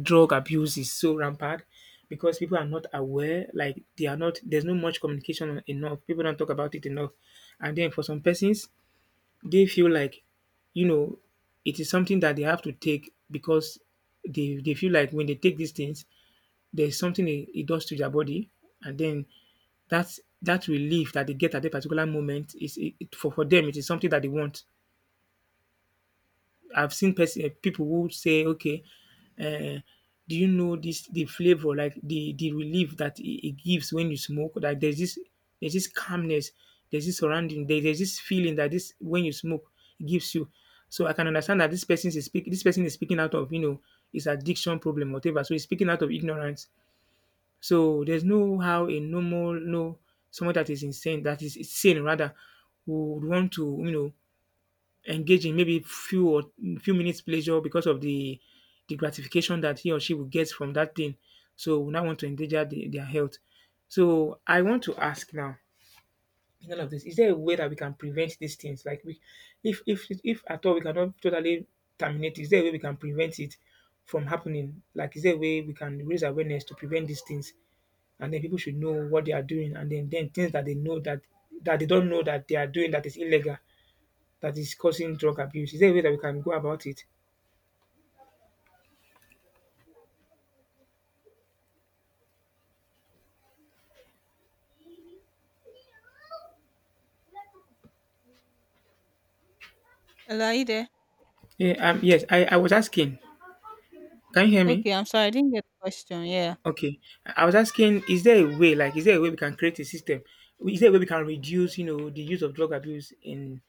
B: drug abuse is so rampant, because people are not aware. Like they are not there's no much communication enough, people don't talk about it enough. And then for some persons, they feel like, you know, it is something that they have to take, because they feel like when they take these things, there's something it does to their body. And then that's that relief that they get at a particular moment, for them it is something that they want. I've seen person people who say, "Okay, um do you know this, the flavor, like the relief that it gives when you smoke? Like there's this, there's this calmness, there's this surrounding, there there's this feeling that this, when you smoke, it gives you." So I can understand that this person is speaking out of, you know, his addiction problem or whatever. So he's speaking out of ignorance. So there's no how a normal no someone that is sane rather would want to, you know, engaging maybe few minutes pleasure because of the gratification that he or she will get from that thing. So we now want to endanger their health. So I want to ask now, in all of this, is there a way that we can prevent these things? Like if at all we cannot totally terminate, is there a way we can prevent it from happening? Like is there a way we can raise awareness to prevent these things? And then people should know what they are doing, and then things that they know that they don't know, that they are doing, that is illegal, that is causing drug abuse? Is there a way that we can go about it?
A: Hello, are you there?
B: Yeah, yes, I was asking. Can you hear me?
A: Okay, I'm sorry, I didn't get the question. Yeah.
B: Okay. I was asking, is there a way, like, is there a way we can create a system? Is there a way we can reduce, you know, the use of drug abuse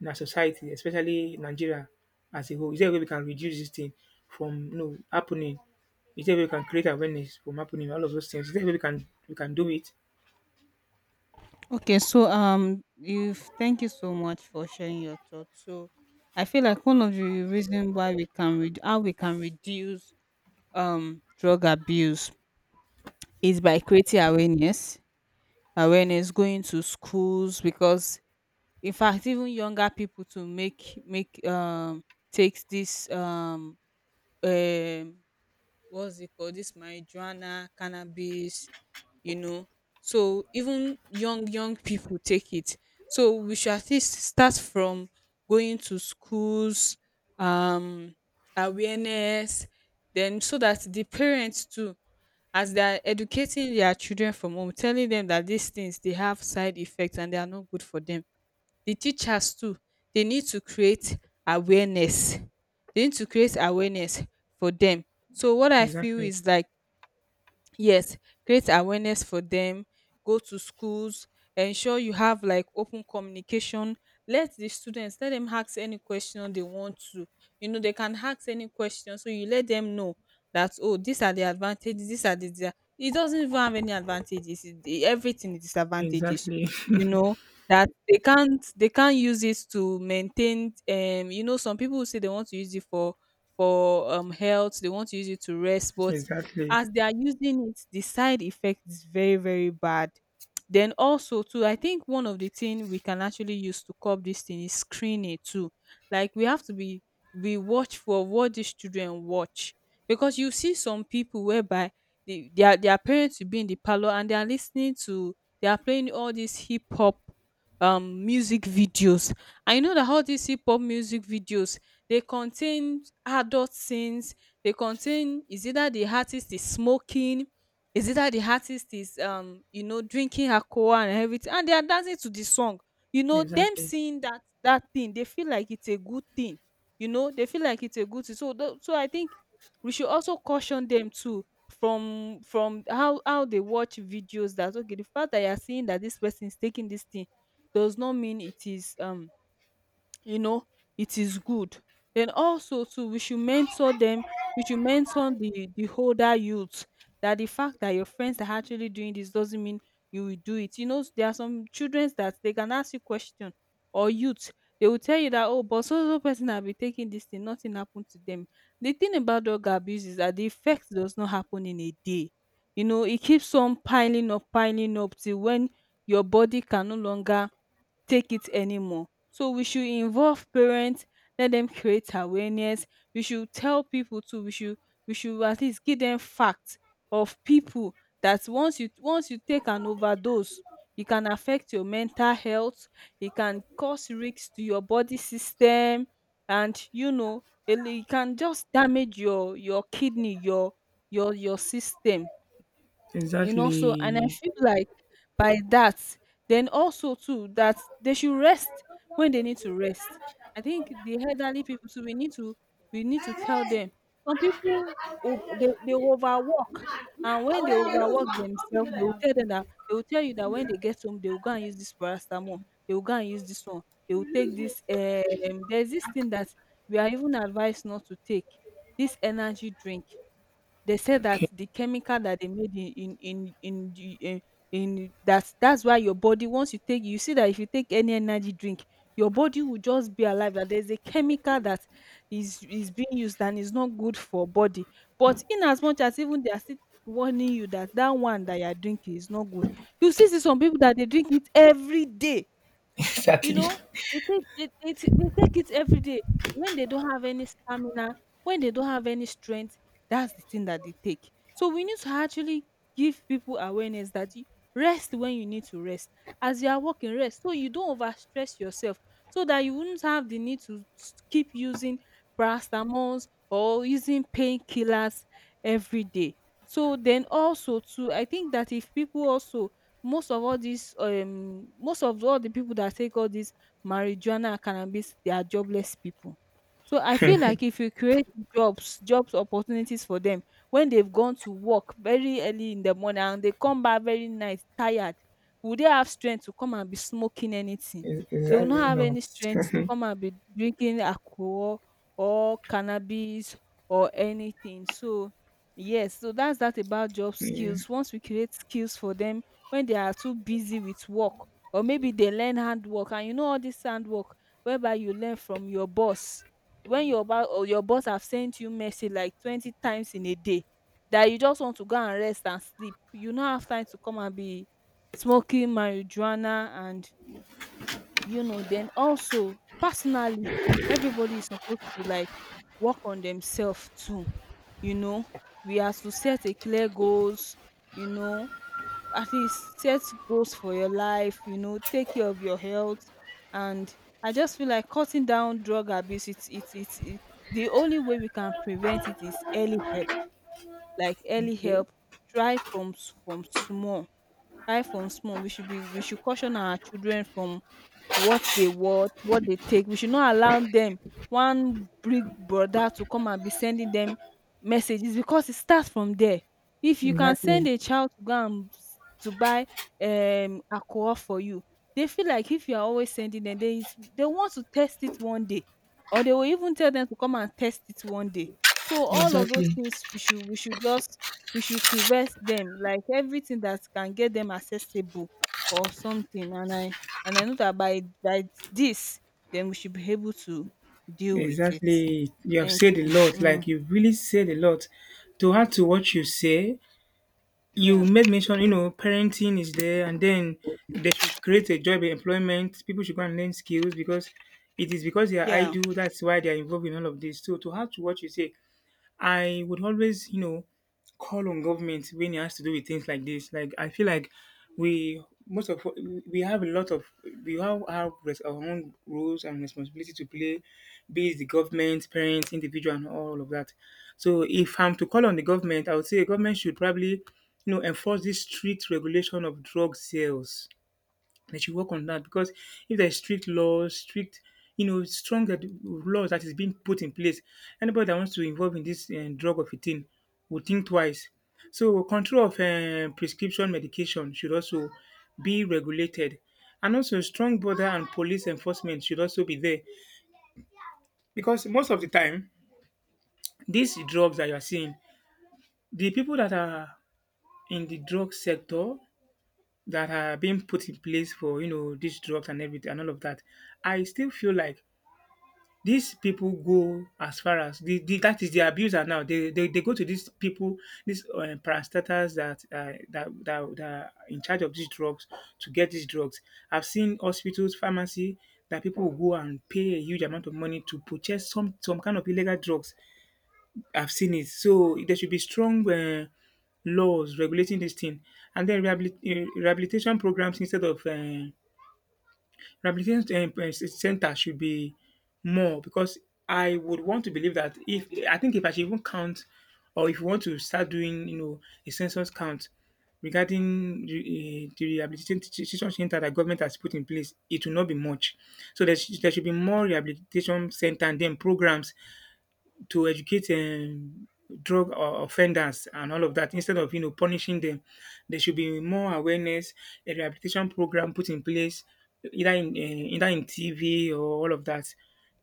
B: in our society, especially Nigeria as a whole? Is there a way we can reduce this thing from, you know, happening? Is there a way we can create awareness from happening? All of those things. Is there a way we can do it?
A: Okay, so you, thank you so much for sharing your thoughts. So I feel like one of the reason why we can read how we can reduce drug abuse is by creating awareness. Awareness, going to schools, because in fact even younger people to make make takes this um what's it called, this marijuana, cannabis, you know. So even young people take it, so we should at least start from going to schools, um awareness. Then so that the parents too, as they are educating their children from home, telling them that these things, they have side effects and they are not good for them. The teachers too, they need to create awareness. They need to create awareness for them. So what I feel
B: Exactly.
A: is like... Yes, create awareness for them, go to schools, ensure you have like open communication. Let the students, let them ask any question they want to. You know, they can ask any question. So you let them know that, oh, these are the advantages, these are the dia- it doesn't even have any advantages. Everything is disadvantages,
B: Exactly.
A: you know. That they can't, they can't use it to maintain, you know, some people say they want to use it for, for health, they want to use it to rest, but
B: exactly.
A: as they are using it, the side effect is very, very bad. Then also too, I think one of the thing we can actually use to curb this thing is screening too. Like we have to be watch for what these children watch. Because you see some people whereby their parents will be in the parlor and they are listening to, they are playing all these hip hop music videos. I know that all these hip hop music videos, they contain adult scenes, they contain, is either the artist is smoking, is either the artist is, you know, drinking alcohol and everything, and they are dancing to the song. You know, them
B: Exactly.
A: seeing that that thing, they feel like it's a good thing. You know, they feel like it's a good thing. So I think we should also caution them too from how they watch videos, that okay, the fact that you are seeing that this person is taking this thing does not mean it is, you know, it is good. Then also too, we should mentor them. We should mentor the older youth, that the fact that your friends are actually doing this doesn't mean you will do it. You know, there are some children that they can ask you question, or youth, they will tell you that, oh, but so so person have been taking this thing, nothing happened to them. The thing about drug abuse is that the effect does not happen in a day. You know, it keeps on piling up, piling up, till when your body can no longer take it anymore. So we should involve parents, let them create awareness. We should tell people too. We should at least give them facts of people, that once you, once you take an overdose, it can affect your mental health. It can cause risks to your body system, and you know it, it can just damage your kidney, your system, you know. So, and I feel like by that, then also too, that they should rest when they need to rest. I think the elderly people too, we need to, we need to tell them.
B: Exactly.
A: Some people, they overwork, and when they overwork themselves, they will tell you that when they get home, they will go and use this paracetamol, they will go and use this one, they will take this, there's this thing that we are even advised not to take, this energy drink. They said that
B: Okay.
A: the chemical that they made in the in that's why your body, once you take, you see that if you take any energy drink, your body will just be alive. That there's a chemical that is being used and is not good for body. But in as much as even they are still warning you that that one that you are drinking is not good, you see some people that they drink it every day. You
B: exactly.
A: know, they take, they t they take it every day. When they don't have any stamina, when they don't have any strength, that's the thing that they take. So we need to actually give people awareness that you rest when you need to rest. As you are working, rest, so you don't overstress yourself, so that you wouldn't have the need to s keep using paracetamols or using painkillers every day. So then also too, I think that if people also, most of all these, most of all the people that take all these marijuana and cannabis, they are jobless people. So I feel like if you create jobs, opportunities for them, when they've gone to work very early in the morning and they come back very night tired, will they have strength to come and be smoking anything? They will not
B: Exactly
A: have
B: not.
A: any strength to come and be drinking alcohol or cannabis or anything. So yes, so that's that about job
B: yeah.
A: skills. Once we create skills for them, when they are too busy with work, or maybe they learn handwork, and you know all this handwork whereby you learn from your boss, when Mm. your ba- or your boss have sent you message like 20 times in a day, that you just want to go and rest and sleep, you no have time to come and be smoking marijuana and, you know. Then also personally, everybody is supposed to like work on themselves too. You know, we have to set a clear goals, you know, at least set goals for your life, you know, take care of your health. And I just feel like cutting down drug abuse, the only way we can prevent it is early help, like early help, try from, from small. High from small. We should caution our children from what they watch, what they take. We should not allow them one big brother to come and be sending them messages, because it starts from there. If you can send
B: Exactly.
A: a child to buy alcohol for you, they feel like if you are always sending them, they want to test it one day, or they will even tell them to come and test it one day. So all of those
B: Exactly.
A: things we should, we should just we should prevent them, like everything that can get them accessible or something. And I, and I know that by this, then we should be able to deal with it.
B: Exactly. You have
A: Thank
B: said a
A: you.
B: lot.
A: Mm,
B: Like you really said a lot. To add to what you say, you
A: yeah,
B: made mention, you know, parenting is there, and then they should create a job employment. People should go and learn skills, because it is because they are
A: yeah.
B: idle, that's why they are involved in all of this. So to add to what you say, I would always, you know, call on government when it has to do with things like this. Like I feel like we most of we have a lot of, we have our, our own roles and responsibility to play, be it the government, parents, individual, and all of that. So if I'm to call on the government, I would say the government should probably, you know, enforce this strict regulation of drug sales. They should work on that, because if there's strict laws, you know, stronger laws that is being put in place, anybody that wants to involve in this drug of a thing would think twice. So control of prescription medication should also be regulated. And also strong border and police enforcement should also be there. Because most of the time, these drugs that you are seeing, the people that are in the drug sector, that are being put in place for, you know, these drugs and everything and all of that, I still feel like these people go as far as the that is the abuser now, they they go to these people, these parastatals that that are in charge of these drugs to get these drugs. I've seen hospitals, pharmacy, that people will go and pay a huge amount of money to purchase some kind of illegal drugs. I've seen it. So there should be strong laws regulating this thing, and then rehabilitation programs instead of rehabilitation center should be more. Because I would want to believe that
A: Mm.
B: if I should even count, or if you want to start doing, you know, a census count regarding the rehabilitation teaching center that government has put in place, it will not be much. So there should be more rehabilitation center and then programs to educate offenders and all of that, instead of, you know, punishing them. There should be more awareness, a rehabilitation program put in place, either in either in tv or all of that.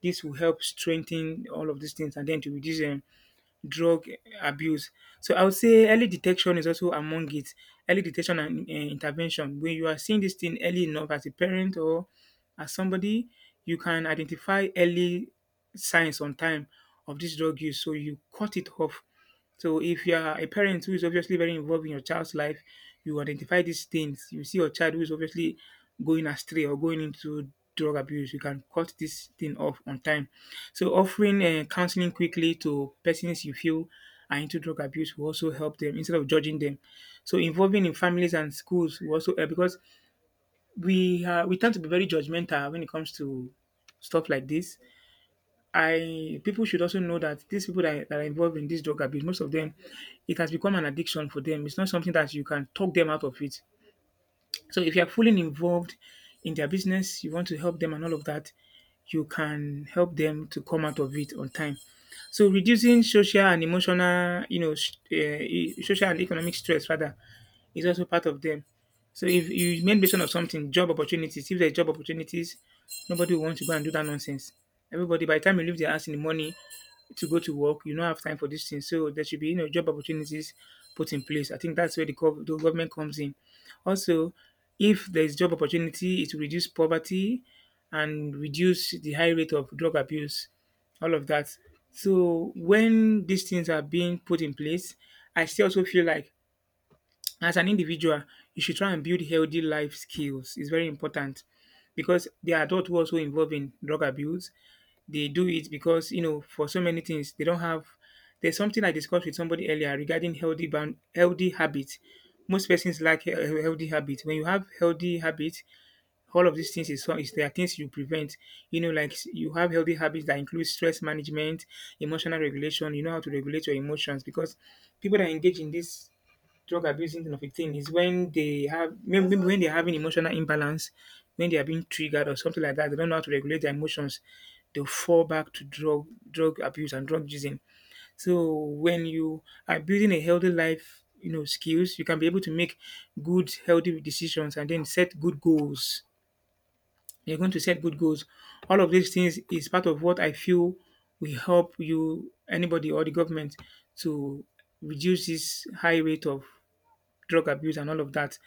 B: This will help strengthen all of these things, and then to reduce drug abuse. So I would say early detection is also among it. Early detection and intervention. When you are seeing this thing early enough as a parent or as somebody, you can identify early signs on time of this drug use. So you cut it off. So if you are a parent who is obviously very involved in your child's life, you identify these things. You see your child who is obviously going astray or going into drug abuse, you can cut this thing off on time. So offering counseling quickly to persons you feel are into drug abuse will also help them instead of judging them. So involving in families and schools will also help, because we tend to be very judgmental when it comes to stuff like this. I People should also know that these people that are involved in this drug abuse, most of them, it has become an addiction for them. It's not something that you can talk them out of it. So if you are fully involved in their business, you want to help them and all of that, you can help them to come out of it on time. So reducing social and emotional, you know, social and economic stress rather is also part of them. So if you made mention of something, job opportunities, if there's job opportunities, nobody will want to go and do that nonsense. Everybody, by the time you leave their house in the morning to go to work, you don't have time for these things. So there should be, you know, job opportunities put in place. I think that's where the government comes in. Also, if there's job opportunity, it will reduce poverty and reduce the high rate of drug abuse, all of that. So when these things are being put in place, I still also feel like, as an individual, you should try and build healthy life skills. It's very important, because the adult who also involved in drug abuse, they do it because, you know, for so many things they don't have. There's something I discussed with somebody earlier regarding healthy habits. Most persons lack healthy habits. When you have healthy habits, all of these things is, so- is there are things you prevent. You know, like you have healthy habits that include stress management, emotional regulation. You know how to regulate your emotions, because people that engage in this drug abuse symptom of a teen is when they have maybe when they're having emotional imbalance, when they are being triggered or something like that, they don't know how to regulate their emotions, they'll fall back to drug abuse and drug using. So when you are building a healthy life, you know, skills, you can be able to make good, healthy decisions and then set good goals. You're going to set good goals. All of these things is part of what I feel will help you, anybody or the government, to reduce this high rate of drug abuse and all of that.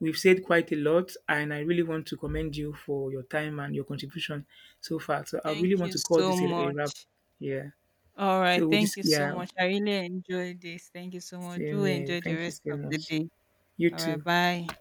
B: We've said quite a lot, and I really want to commend you for your time and your contribution so far. So I really
A: Thank
B: want
A: you
B: to call
A: so
B: this a wrap.
A: much.
B: Yeah.
A: All right,
B: So we
A: thank
B: just
A: you so
B: yeah,
A: much, I really enjoyed this. Thank you so much,
B: same
A: do
B: here.
A: enjoy the
B: Thank you
A: rest
B: so
A: of the
B: much.
A: day.
B: You
A: All right,
B: too.
A: bye.